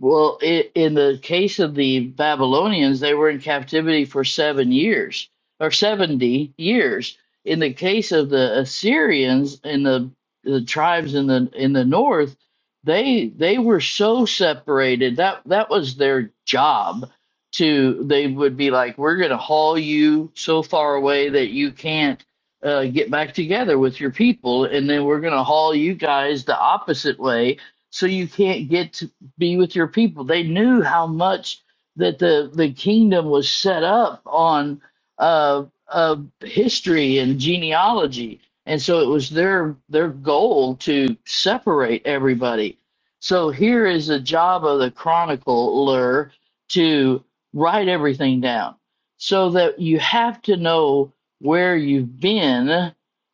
[SPEAKER 4] well, i in the case of the Babylonians, they were in captivity for seven years or 70 years. In the case of the Assyrians and the, the tribes in the in the north, they they were so separated that that was their job to they would be like, we're going to haul you so far away that you can't uh, get back together with your people, and then we're going to haul you guys the opposite way so you can't get be with your people. They knew how much that the the kingdom was set up on uh, uh, history and genealogy, and so it was their their goal to separate everybody. So here is the job of the chronicler to write everything down, so that you have to know where you've been.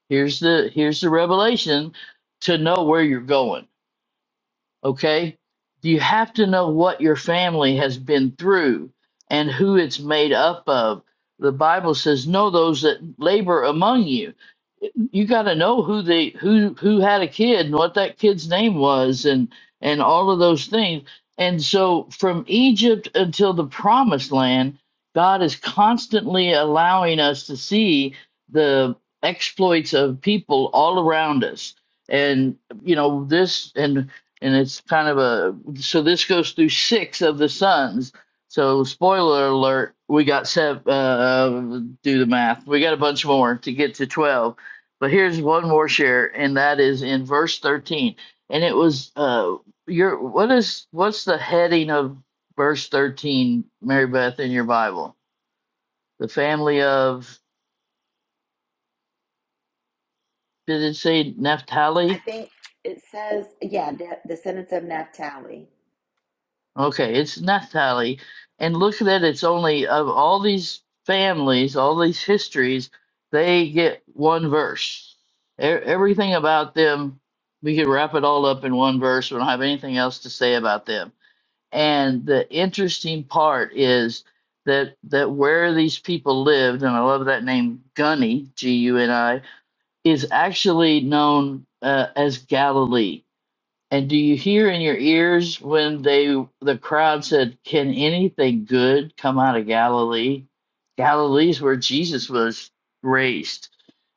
[SPEAKER 4] Here's the here's the revelation to know where you're going okay? You have to know what your family has been through and who it's made up of. The Bible says, "Know those that labor among you." You got to know who the who who had a kid and what that kid's name was and and all of those things. And so from Egypt until the promised land, God is constantly allowing us to see the exploits of people all around us. And you know, this and and it's kind of a so this goes through six of the sons. So spoiler alert, we got seven. Uh, do the math. We got a bunch more to get to twelve. But here's one more share, and that is in verse thirteen. And it was uh, your what is what's the heading of verse thirteen, Mary Beth, in your Bible? The family of did it say
[SPEAKER 1] I
[SPEAKER 4] Naphtali?
[SPEAKER 1] think it says, yeah, the descendants of Naphtali.
[SPEAKER 4] Okay, it's Naphtali. And look at it, it's only of all these families, all these histories, they get one verse. E- everything about them, we could wrap it all up in one verse. We don't have anything else to say about them. And the interesting part is that that where these people lived, and I love that name, Gunny, G U N I, is actually known uh, as Galilee and do you hear in your ears when they the crowd said, "Can anything good come out of Galilee?" Galilee's where Jesus was raised,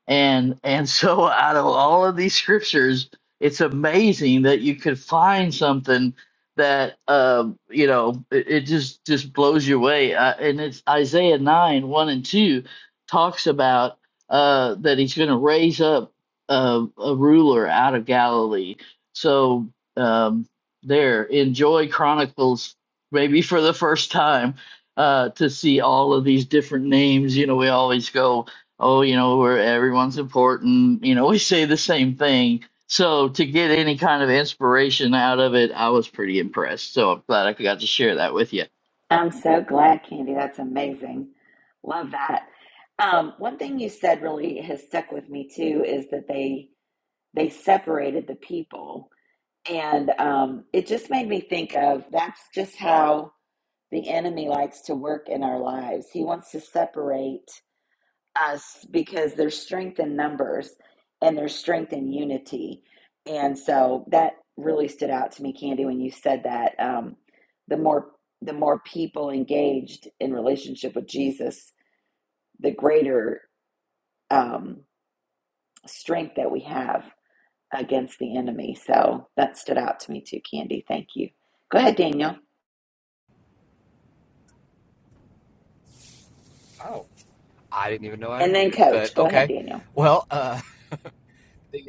[SPEAKER 4] and and so out of all of these scriptures, it's amazing that you could find something that um, you know it, it just just blows you away. Uh, and it's Isaiah nine one and two talks about uh, that he's going to raise up uh, a ruler out of Galilee so um, there, enjoy Chronicles maybe for the first time uh, to see all of these different names. You know, we always go, oh, you know, where everyone's important. You know, we say the same thing. So to get any kind of inspiration out of it, I was pretty impressed. So I'm glad I got to share that with you.
[SPEAKER 1] I'm so glad, Candy. That's amazing. Love that. Um, one thing you said really has stuck with me too is that they they separated the people, and um, it just made me think of that's just how the enemy likes to work in our lives. He wants to separate us because there's strength in numbers and there's strength in unity. And so that really stood out to me, Candy, when you said that. Um, the more the more people engaged in relationship with Jesus, the greater um, strength that we have against the enemy. So that stood out to me too, Candy. Thank you. Go ahead, Daniel.
[SPEAKER 6] Oh, I didn't even know I
[SPEAKER 1] And then
[SPEAKER 6] unmuted,
[SPEAKER 1] Coach.
[SPEAKER 6] but
[SPEAKER 1] Go ahead,
[SPEAKER 6] okay.
[SPEAKER 1] Daniel.
[SPEAKER 6] Well, uh,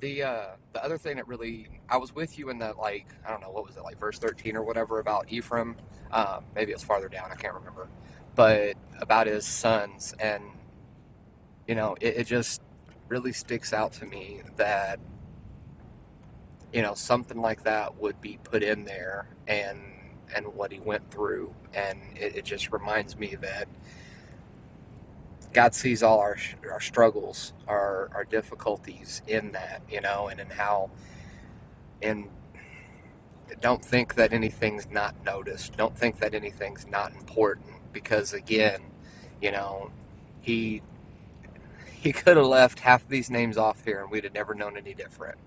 [SPEAKER 6] The uh the other thing that really I was with you in that like I don't know what was it like verse thirteen or whatever about Ephraim, um, maybe it's farther down I can't remember, but about his sons and you know it, it just really sticks out to me that you know something like that would be put in there and and what he went through and it, it just reminds me that God sees all our our struggles our our difficulties in that you know and in how in Don't think that anything's not noticed. Don't think that anything's not important because again, you know, he he could have left half these names off here and we'd have never known any different.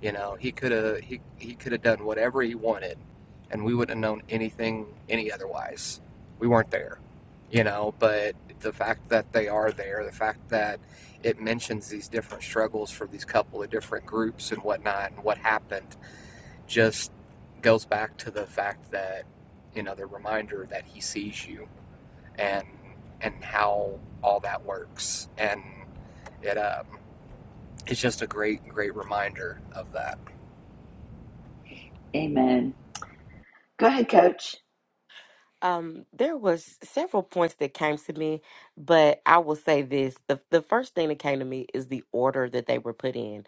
[SPEAKER 6] You know, he could have he, he could have done whatever he wanted and we wouldn't have known anything any otherwise. We weren't there. You know, but the fact that they are there, the fact that it mentions these different struggles for these couple of different groups and whatnot and what happened just goes back to the fact that you know the reminder that he sees you and and how all that works and it um it's just a great great reminder of that
[SPEAKER 1] Amen. Go ahead, Coach.
[SPEAKER 5] Um, there was several points that came to me, but I will say this: the the first thing that came to me is the order that they were put in.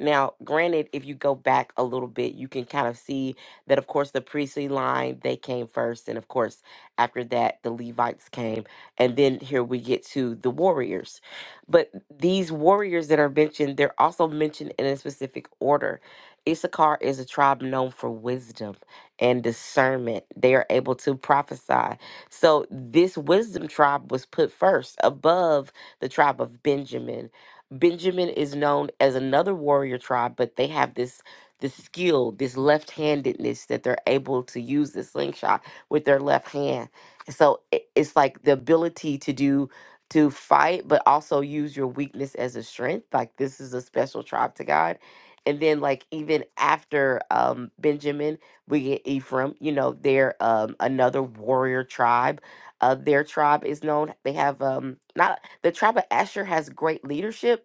[SPEAKER 5] Now, granted, if you go back a little bit, you can kind of see that, of course, the priestly line they came first, and of course, after that, the Levites came, and then here we get to the warriors. But these warriors that are mentioned, they're also mentioned in a specific order. Issachar is a tribe known for wisdom and discernment. They are able to prophesy. So this wisdom tribe was put first above the tribe of Benjamin. Benjamin is known as another warrior tribe, but they have this this skill, this left-handedness that they're able to use the slingshot with their left hand. So it- it's like the ability to do to fight, but also use your weakness as a strength. Like this is a special tribe to God. And then like even after um Benjamin we get Ephraim. You know, they're um, another warrior tribe. Uh, their tribe is known. They have um, not the tribe of Asher has great leadership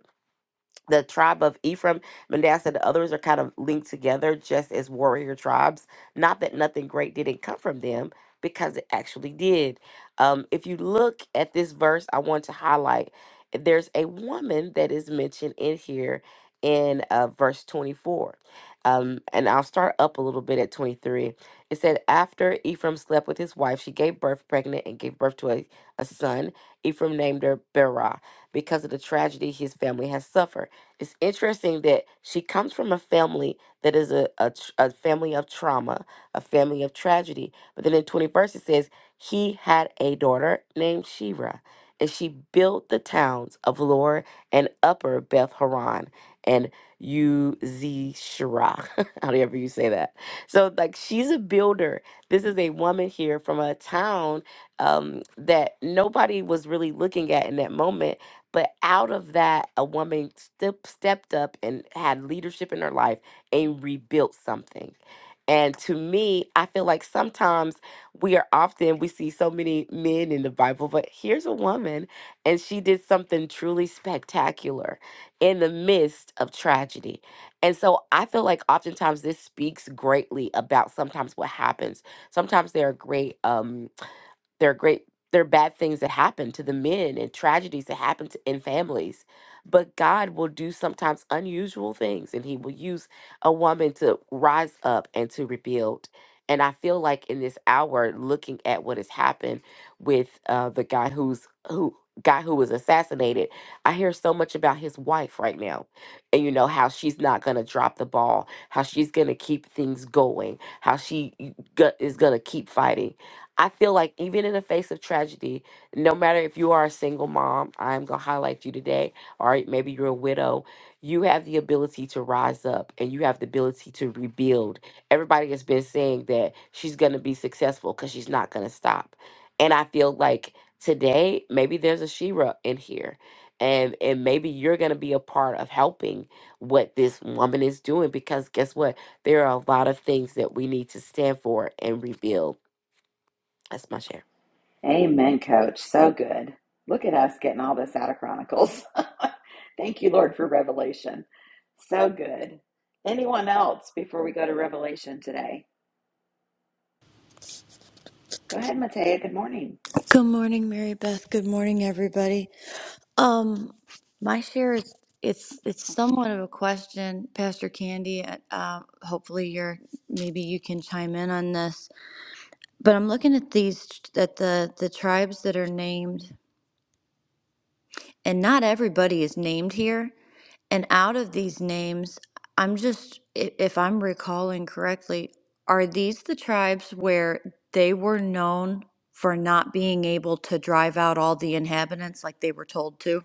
[SPEAKER 5] the tribe of Ephraim, Manasseh, and the others are kind of linked together just as warrior tribes. Not that nothing great didn't come from them, because it actually did. Um, if you look at this verse, I want to highlight there's a woman that is mentioned in here in uh, verse 24. Um, and I'll start up a little bit at 23. It said, After Ephraim slept with his wife, she gave birth pregnant and gave birth to a, a son. Ephraim named her Berah because of the tragedy his family has suffered. It's interesting that she comes from a family that is a, a, tr- a family of trauma, a family of tragedy. But then in 21st, it says, he had a daughter named Shira, and she built the towns of Lower and Upper Beth Horon and Uz Shirah, however you say that. So, like, she's a builder. This is a woman here from a town um, that nobody was really looking at in that moment but out of that, a woman step, stepped up and had leadership in her life and rebuilt something. And to me, I feel like sometimes we are often, we see so many men in the Bible, but here's a woman, and she did something truly spectacular in the midst of tragedy. And so I feel like oftentimes this speaks greatly about sometimes what happens. Sometimes there are great, um, there are great there are bad things that happen to the men and tragedies that happen to, in families but god will do sometimes unusual things and he will use a woman to rise up and to rebuild and i feel like in this hour looking at what has happened with uh, the guy who's who guy who was assassinated i hear so much about his wife right now and you know how she's not going to drop the ball how she's going to keep things going how she y- go- is going to keep fighting I feel like even in the face of tragedy, no matter if you are a single mom, I'm going to highlight you today, or maybe you're a widow, you have the ability to rise up and you have the ability to rebuild. Everybody has been saying that she's going to be successful because she's not going to stop. And I feel like today, maybe there's a Shira in here. And, and maybe you're going to be a part of helping what this woman is doing because guess what? There are a lot of things that we need to stand for and rebuild. That's my share.
[SPEAKER 1] Amen, coach. So good. Look at us getting all this out of Chronicles. Thank you, Lord, for revelation. So good. Anyone else before we go to revelation today? Go ahead, Matea. Good morning.
[SPEAKER 7] Good morning, Mary Beth. Good morning, everybody. Um, my share is it's it's somewhat of a question, Pastor Candy. Uh, um, hopefully, you're maybe you can chime in on this. But I'm looking at these at the the tribes that are named and not everybody is named here. And out of these names, I'm just, i- if I'm recalling correctly, are these the tribes where they were known for not being able to drive out all the inhabitants like they were told to?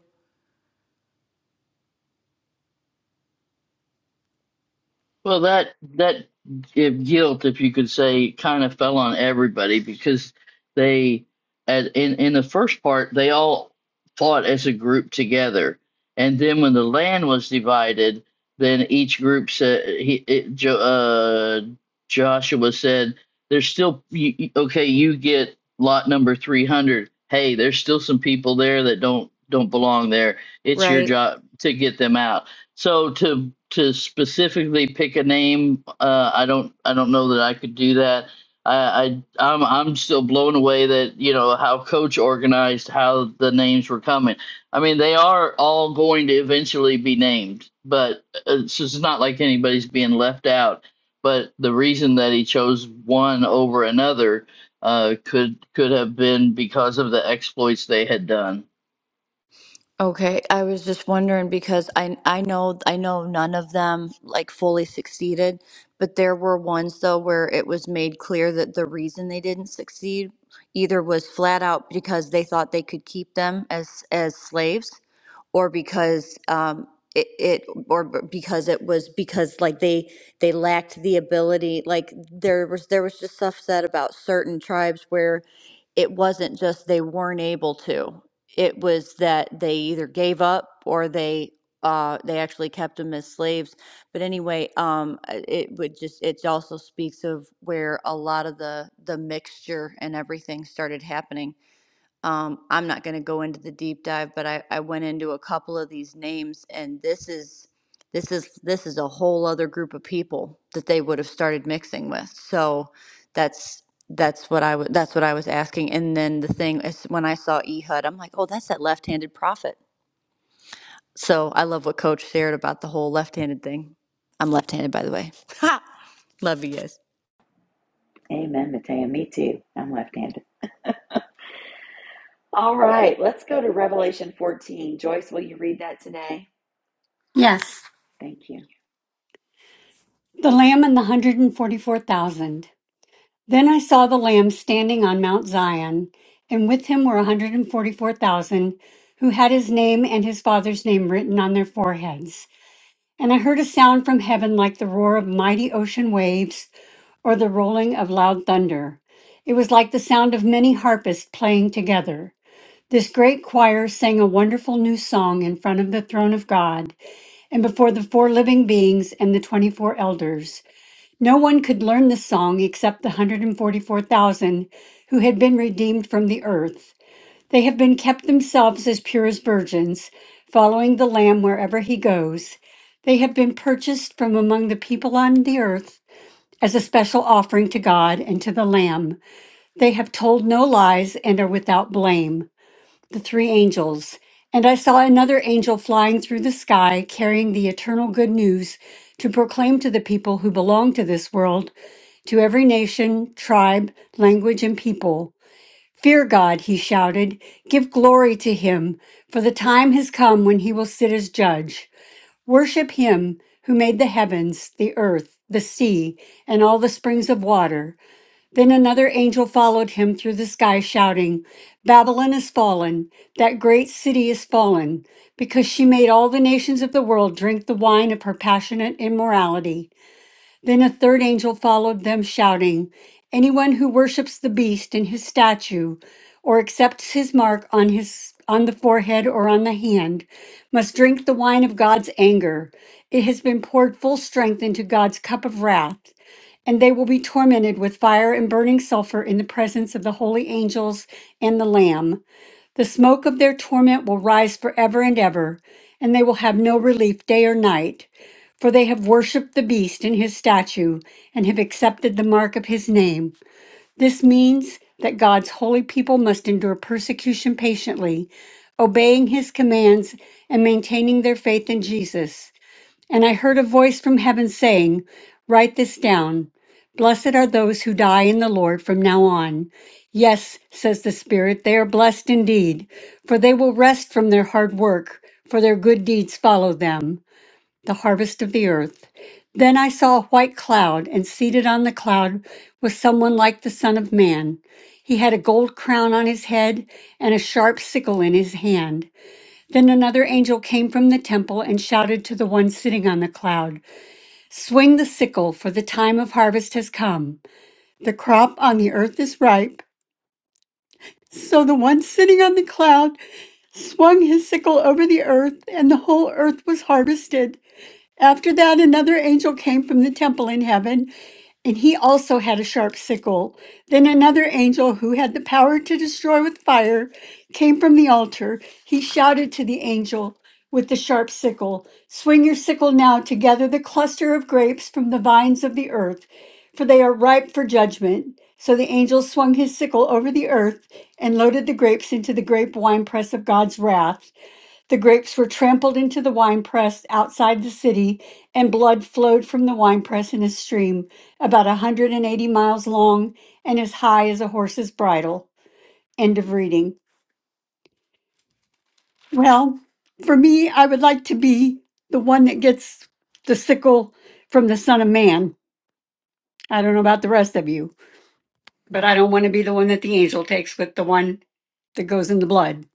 [SPEAKER 4] Well, that that if guilt, if you could say, kind of fell on everybody because they, at, in in the first part, they all fought as a group together, and then when the land was divided, then each group said, he, it, jo, uh, Joshua said, "There's still you, you- okay. You get lot number three hundred. Hey, there's still some people there that don't don't belong there. It's your
[SPEAKER 7] Right?
[SPEAKER 4] job to get them out." So to to specifically pick a name, uh, I don't I don't know that I could do that. I, I I'm I'm still blown away that you know how coach organized how the names were coming. I mean, they are all going to eventually be named, but uh, so it's just not like anybody's being left out. But the reason that he chose one over another uh, could could have been because of the exploits they had done.
[SPEAKER 7] Okay, I was just wondering because I I know I know none of them like fully succeeded, but there were ones though where it was made clear that the reason they didn't succeed either was flat out because they thought they could keep them as as slaves, or because um it, it or b- because it was because like they they lacked the ability like there was there was just stuff said about certain tribes where it wasn't just they weren't able to it was that they either gave up or they uh, they actually kept them as slaves. But anyway, um, uh, it would just it also speaks of where a lot of the the mixture and everything started happening um, I'm not going to go into the deep dive, but I, I went into a couple of these names, and this is this is this is a whole other group of people that they would have started mixing with. So that's that's what I w- that's what I was asking. And then the thing is, when I saw Ehud, I'm like, oh, that's that left-handed prophet. So I love what Coach shared about the whole left-handed thing. I'm left-handed, by the way. Ha! Love you guys.
[SPEAKER 1] Amen, Matea. Me too. I'm left handed. All right, let's go to Revelation 14. Joyce, will you read that today?
[SPEAKER 8] Yes.
[SPEAKER 1] Thank you.
[SPEAKER 8] The Lamb and the 144,000. Then I saw the Lamb standing on Mount Zion, and with him were 144,000 who had his name and his father's name written on their foreheads. And I heard a sound from heaven like the roar of mighty ocean waves or the rolling of loud thunder. It was like the sound of many harpists playing together. This great choir sang a wonderful new song in front of the throne of God and before the four living beings and the 24 elders. No one could learn the song except the 144,000 who had been redeemed from the earth. They have been kept themselves as pure as virgins, following the Lamb wherever he goes. They have been purchased from among the people on the earth as a special offering to God and to the Lamb. They have told no lies and are without blame. The three angels. And I saw another angel flying through the sky, carrying the eternal good news to proclaim to the people who belong to this world to every nation, tribe, language, and people, fear God, he shouted. Give glory to him, for the time has come when he will sit as judge. Worship him who made the heavens, the earth, the sea, and all the springs of water. Then another angel followed him through the sky, shouting, Babylon is fallen, that great city is fallen, because she made all the nations of the world drink the wine of her passionate immorality. Then a third angel followed them, shouting, Anyone who worships the beast and his statue, or accepts his mark on his on the forehead or on the hand, must drink the wine of God's anger. It has been poured full strength into God's cup of wrath, and they will be tormented with fire and burning sulfur in the presence of the holy angels and the Lamb. The smoke of their torment will rise forever and ever, and they will have no relief day or night. For they have worshipped the beast and his statue, and have accepted the mark of his name. This means that God's holy people must endure persecution patiently, obeying his commands and maintaining their faith in Jesus. And I heard a voice from heaven saying, Write this down. Blessed are those who die in the Lord from now on. Yes, says the Spirit, they are blessed indeed, for they will rest from their hard work, for their good deeds follow them. The harvest of the earth. Then I saw a white cloud, and seated on the cloud was someone like the Son of Man. He had a gold crown on his head and a sharp sickle in his hand. Then another angel came from the temple and shouted to the one sitting on the cloud, Swing the sickle, for the time of harvest has come. The crop on the earth is ripe. So the one sitting on the cloud swung his sickle over the earth, and the whole earth was harvested. After that, another angel came from the temple in heaven and he also had a sharp sickle. Then another angel who had the power to destroy with fire came from the altar. He shouted to the angel with the sharp sickle, Swing your sickle now to gather the cluster of grapes from the vines of the earth, for they are ripe for judgment. So the angel swung his sickle over the earth and loaded the grapes into the grape winepress of God's wrath. The grapes were trampled into the winepress outside the city, and blood flowed from the winepress in a stream about a 180 miles long and as high as a horse's bridle. End of reading. Well, for me, I would like to be the one that gets the sickle from the Son of Man. I don't know about the rest of you, but I don't want to be the one that the angel takes with the one that goes in the blood.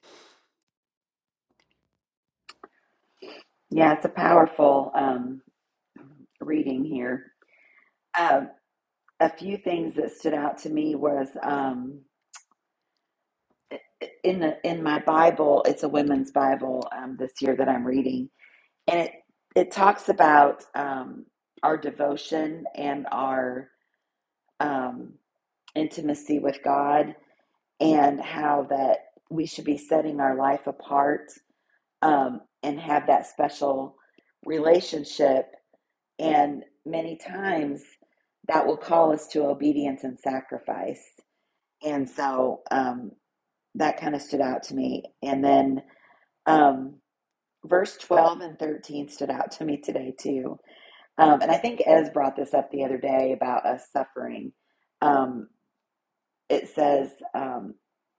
[SPEAKER 1] Yeah, it's a powerful um, reading here. Um, a few things that stood out to me was. Um, in the, in my Bible, it's a women's Bible um, this year that I'm reading, and it it talks about um, our devotion and our um, intimacy with God, and how that we should be setting our life apart um, and have that special relationship. And many times that will call us to obedience and sacrifice. And so um, that kind of stood out to me. And then. Um, verse 12 and 13 stood out to me today too um, and i think ez brought this up the other day about us suffering um, it says um,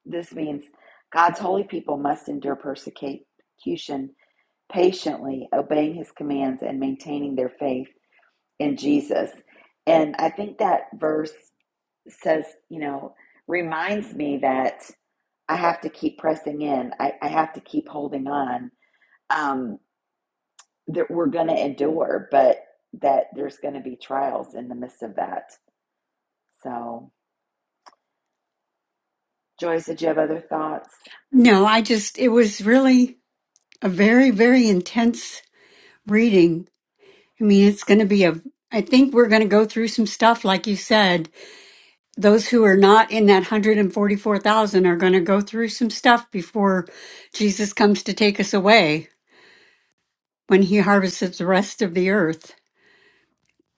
[SPEAKER 1] this means god's holy people must endure persecution patiently obeying his commands and maintaining their faith in jesus and i think that verse says you know reminds me that i have to keep pressing in i, I have to keep holding on um, that we're going to endure, but that there's going to be trials in the midst of that. So, Joyce, did you have other thoughts?
[SPEAKER 8] No, I just, it was really a very, very intense reading I mean, it's going to be a, I think we're going to go through some stuff, like you said. Those who are not in that 144,000 are going to go through some stuff before Jesus comes to take us away when he harvests the rest of the earth.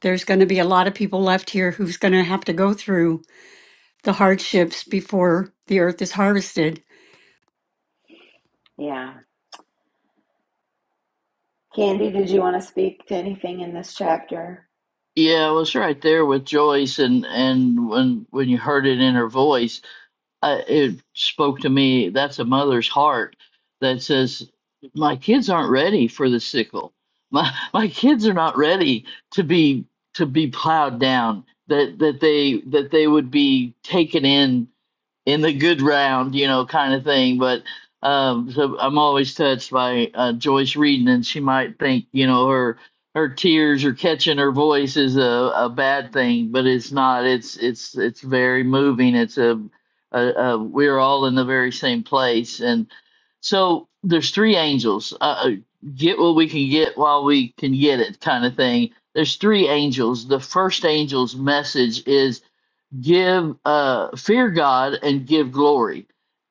[SPEAKER 8] There's going to be a lot of people left here who's going to have to go through the hardships before the earth is harvested.
[SPEAKER 1] Yeah. Candy, did you want to speak to anything in this chapter?
[SPEAKER 4] Yeah, I was right there with Joyce, and and when when you heard it in her voice, I, it spoke to me. That's a mother's heart that says, "My kids aren't ready for the sickle. My my kids are not ready to be to be plowed down. That that they that they would be taken in in the good round, you know, kind of thing. But um, so I'm always touched by uh, Joyce reading, and she might think, you know, her her tears or catching her voice is a, a bad thing, but it's not. It's it's it's very moving. It's a, a, a we're all in the very same place, and so there's three angels. Uh, uh, get what we can get while we can get it, kind of thing. There's three angels. The first angel's message is give uh fear God and give glory.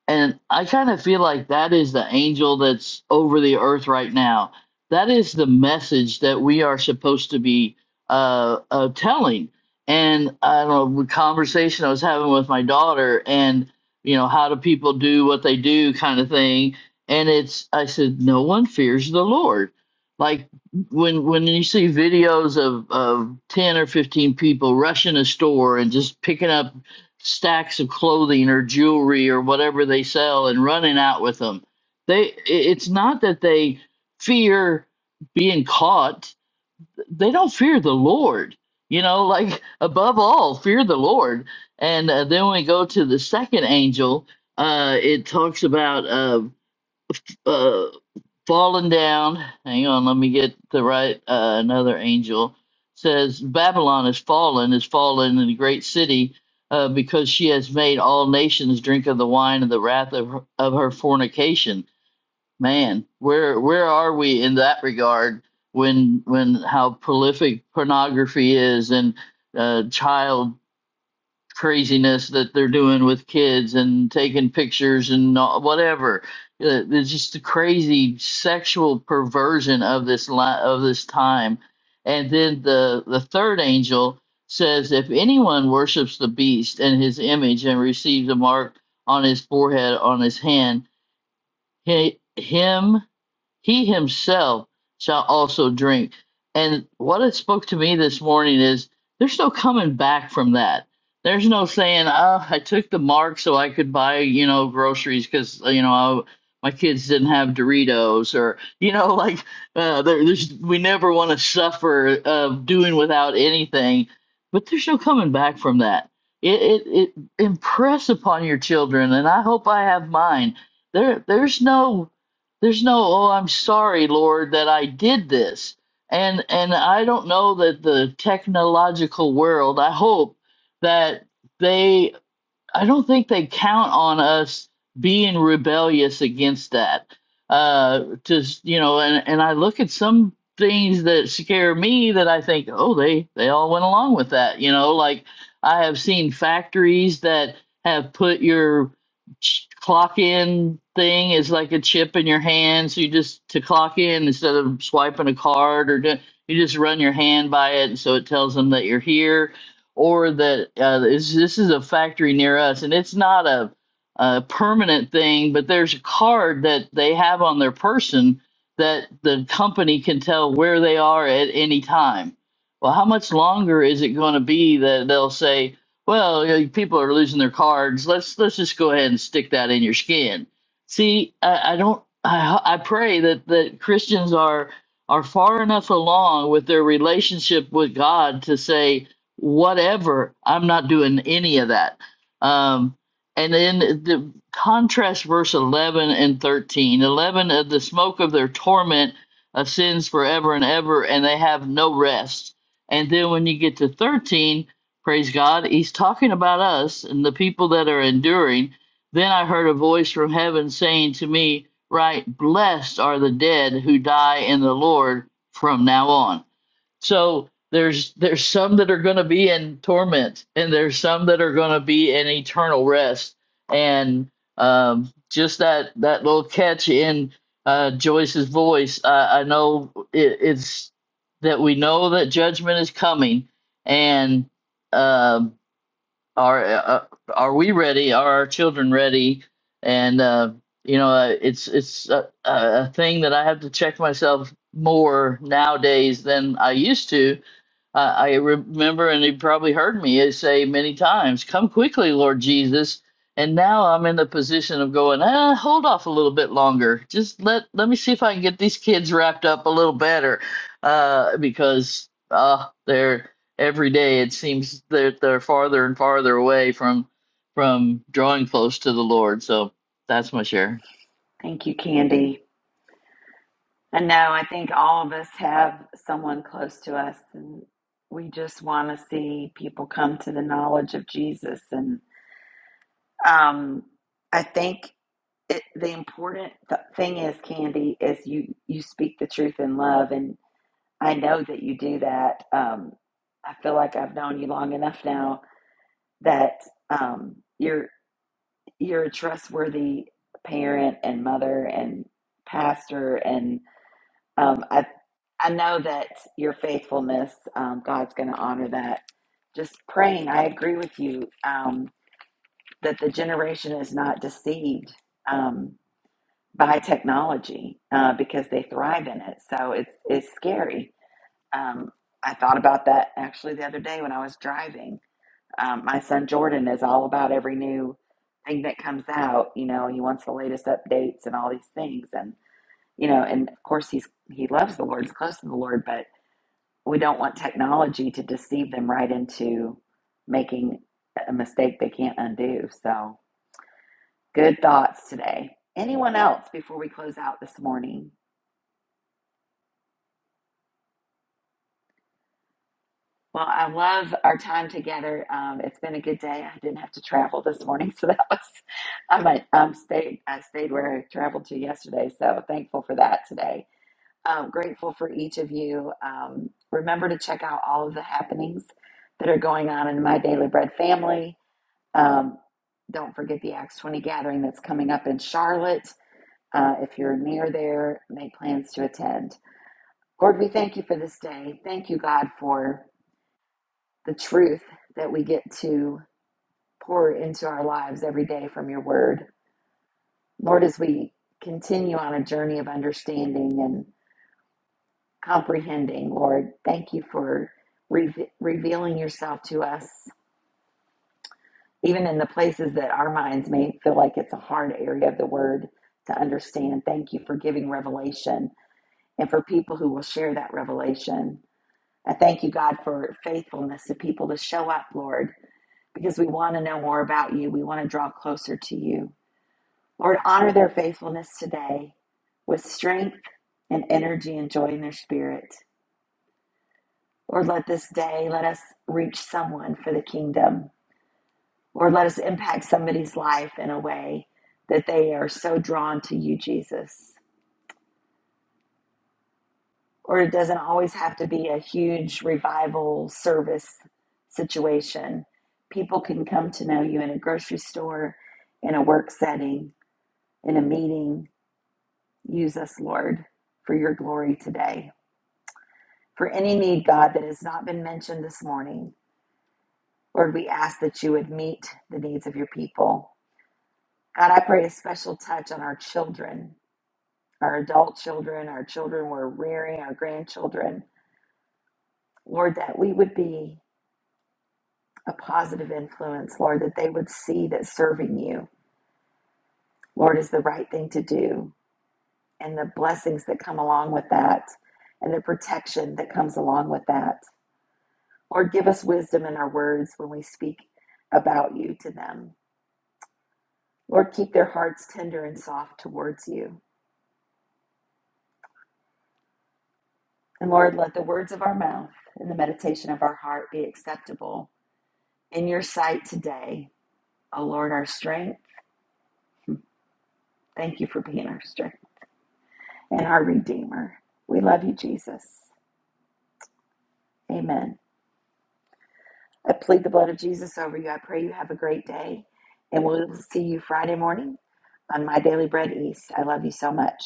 [SPEAKER 4] And I kind of feel like that is the angel that's over the earth right now. That is the message that we are supposed to be uh, uh telling. And I don't know, the conversation I was having with my daughter and you know, how do people do what they do kind of thing. And it's I said, No one fears the Lord. Like when when you see videos of of 10 or 15 people rushing a store and just picking up stacks of clothing or jewelry or whatever they sell and running out with them they it's not that they fear being caught they don't fear the lord you know like above all fear the lord and uh, then when we go to the second angel uh it talks about uh, uh fallen down hang on let me get the right uh, another angel says babylon is fallen is fallen in the great city uh, because she has made all nations drink of the wine of the wrath of her, of her fornication man where where are we in that regard when when how prolific pornography is and uh, child craziness that they're doing with kids and taking pictures and all, whatever. Uh, It's just the crazy sexual perversion of this li- of this time. And then the the third angel says, if anyone worships the beast and his image and receives a mark on his forehead on his hand, he, him he himself shall also drink. And what it spoke to me this morning is there's no coming back from that. There's no saying, oh, I took the mark so I could buy, you know, groceries because, you know, I, my kids didn't have Doritos or, you know, like uh, there, there's, we never want to suffer of doing without anything. But there's no coming back from that. It, it, it impress upon your children, and I hope I have mine. There, there's no there's no oh i'm sorry lord that i did this and and i don't know that the technological world i hope that they I don't think they count on us being rebellious against that. Uh, to you know, and and I look at some things that scare me that I think, oh, they they all went along with that. You know, like I have seen factories that have put your ch- clock in thing is like a chip in your hand, so you just to clock in instead of swiping a card or do, you just run your hand by it, and so it tells them that you're here or that uh, this, this is a factory near us and it's not a, a permanent thing, but there's a card that they have on their person that the company can tell where they are at any time. Well, how much longer is it going to be that they'll say, "Well, you know, people are losing their cards. Let's let's just go ahead and stick that in your skin." See, I, I don't. I, I pray that that Christians are are far enough along with their relationship with God to say, whatever. I'm not doing any of that. Um, and then the contrast verse 11 and 13 11 of the smoke of their torment ascends forever and ever, and they have no rest. And then when you get to 13, praise God, he's talking about us and the people that are enduring. Then I heard a voice from heaven saying to me, Right, blessed are the dead who die in the Lord from now on so there's there's some that are going to be in torment, and there's some that are going to be in eternal rest. And um, just that that little catch in uh, Joyce's voice, I, I know it, it's that we know that judgment is coming, and um are uh, are we ready? Are our children ready? And uh, you know, uh, it's it's a, a a thing that I have to check myself more nowadays than I used to I I remember, and he probably heard me say many times, Come quickly, Lord Jesus. And now I'm in the position of going, ah, hold off a little bit longer. Just let let me see if I can get these kids wrapped up a little better, uh, because uh, they're every day it seems that they're farther and farther away from from drawing close to the Lord. So that's my share.
[SPEAKER 1] Thank you, Candy. I know, I think all of us have someone close to us, and we just want to see people come to the knowledge of Jesus. And um, I think it, the important th- thing is, Candy, is you, you speak the truth in love and. I know that you do that. Um, I feel like I've known you long enough now that um, you're you're a trustworthy parent and mother and pastor, and um, I I know that your faithfulness, um, God's going to honor that. Just praying, I agree with you um, that the generation is not deceived um, by technology uh, because they thrive in it. So it's it's scary Um, I thought about that actually the other day when I was driving. Um, my son Jordan is all about every new thing that comes out. You know, he wants the latest updates and all these things. And you know, and of course he's he loves the Lord, he's close to the Lord, but we don't want technology to deceive them right into making a mistake they can't undo. So, good thoughts today. Anyone else before we close out this morning? Well, I love our time together. Um, it's been a good day. I didn't have to travel this morning, so that was I might um stayed I stayed where I traveled to yesterday, so thankful for that today. Um, grateful for each of you. Um, remember to check out all of the happenings that are going on in my Daily Bread family. Um, don't forget the Acts 20 gathering that's coming up in Charlotte. Uh, if you're near there, make plans to attend. Lord, we thank you for this day. Thank you, God, for the truth that we get to pour into our lives every day from your word. Lord, as we continue on a journey of understanding and comprehending, Lord, thank you for reve revealing yourself to us, even in the places that our minds may feel like it's a hard area of the word to understand. Thank you for giving revelation and for people who will share that revelation. I thank you, God, for faithfulness to people to show up, Lord, because we want to know more about you. We want to draw closer to you. Lord, honor their faithfulness today with strength and energy and joy in their spirit. Lord, let this day let us reach someone for the kingdom. Lord, let us impact somebody's life in a way that they are so drawn to you, Jesus. Or it doesn't always have to be a huge revival service situation. People can come to know you in a grocery store, in a work setting, in a meeting, Use us, Lord, for your glory today. For any need, God, that has not been mentioned this morning, Lord, we ask that you would meet the needs of your people. God, I pray a special touch on our children, our adult children, our children we're rearing, our grandchildren. Lord, that we would be a positive influence, Lord, that they would see that serving you, Lord, is the right thing to do, and the blessings that come along with that, and the protection that comes along with that. Lord, give us wisdom in our words when we speak about you to them. Lord, keep their hearts tender and soft towards you. And Lord, let the words of our mouth and the meditation of our heart be acceptable in your sight today. O Lord, our strength, thank you for being our strength and our Redeemer. We love you, Jesus. Amen. I plead the blood of Jesus over you. I pray you have a great day, and we'll see you Friday morning on My Daily Bread East. I love you so much.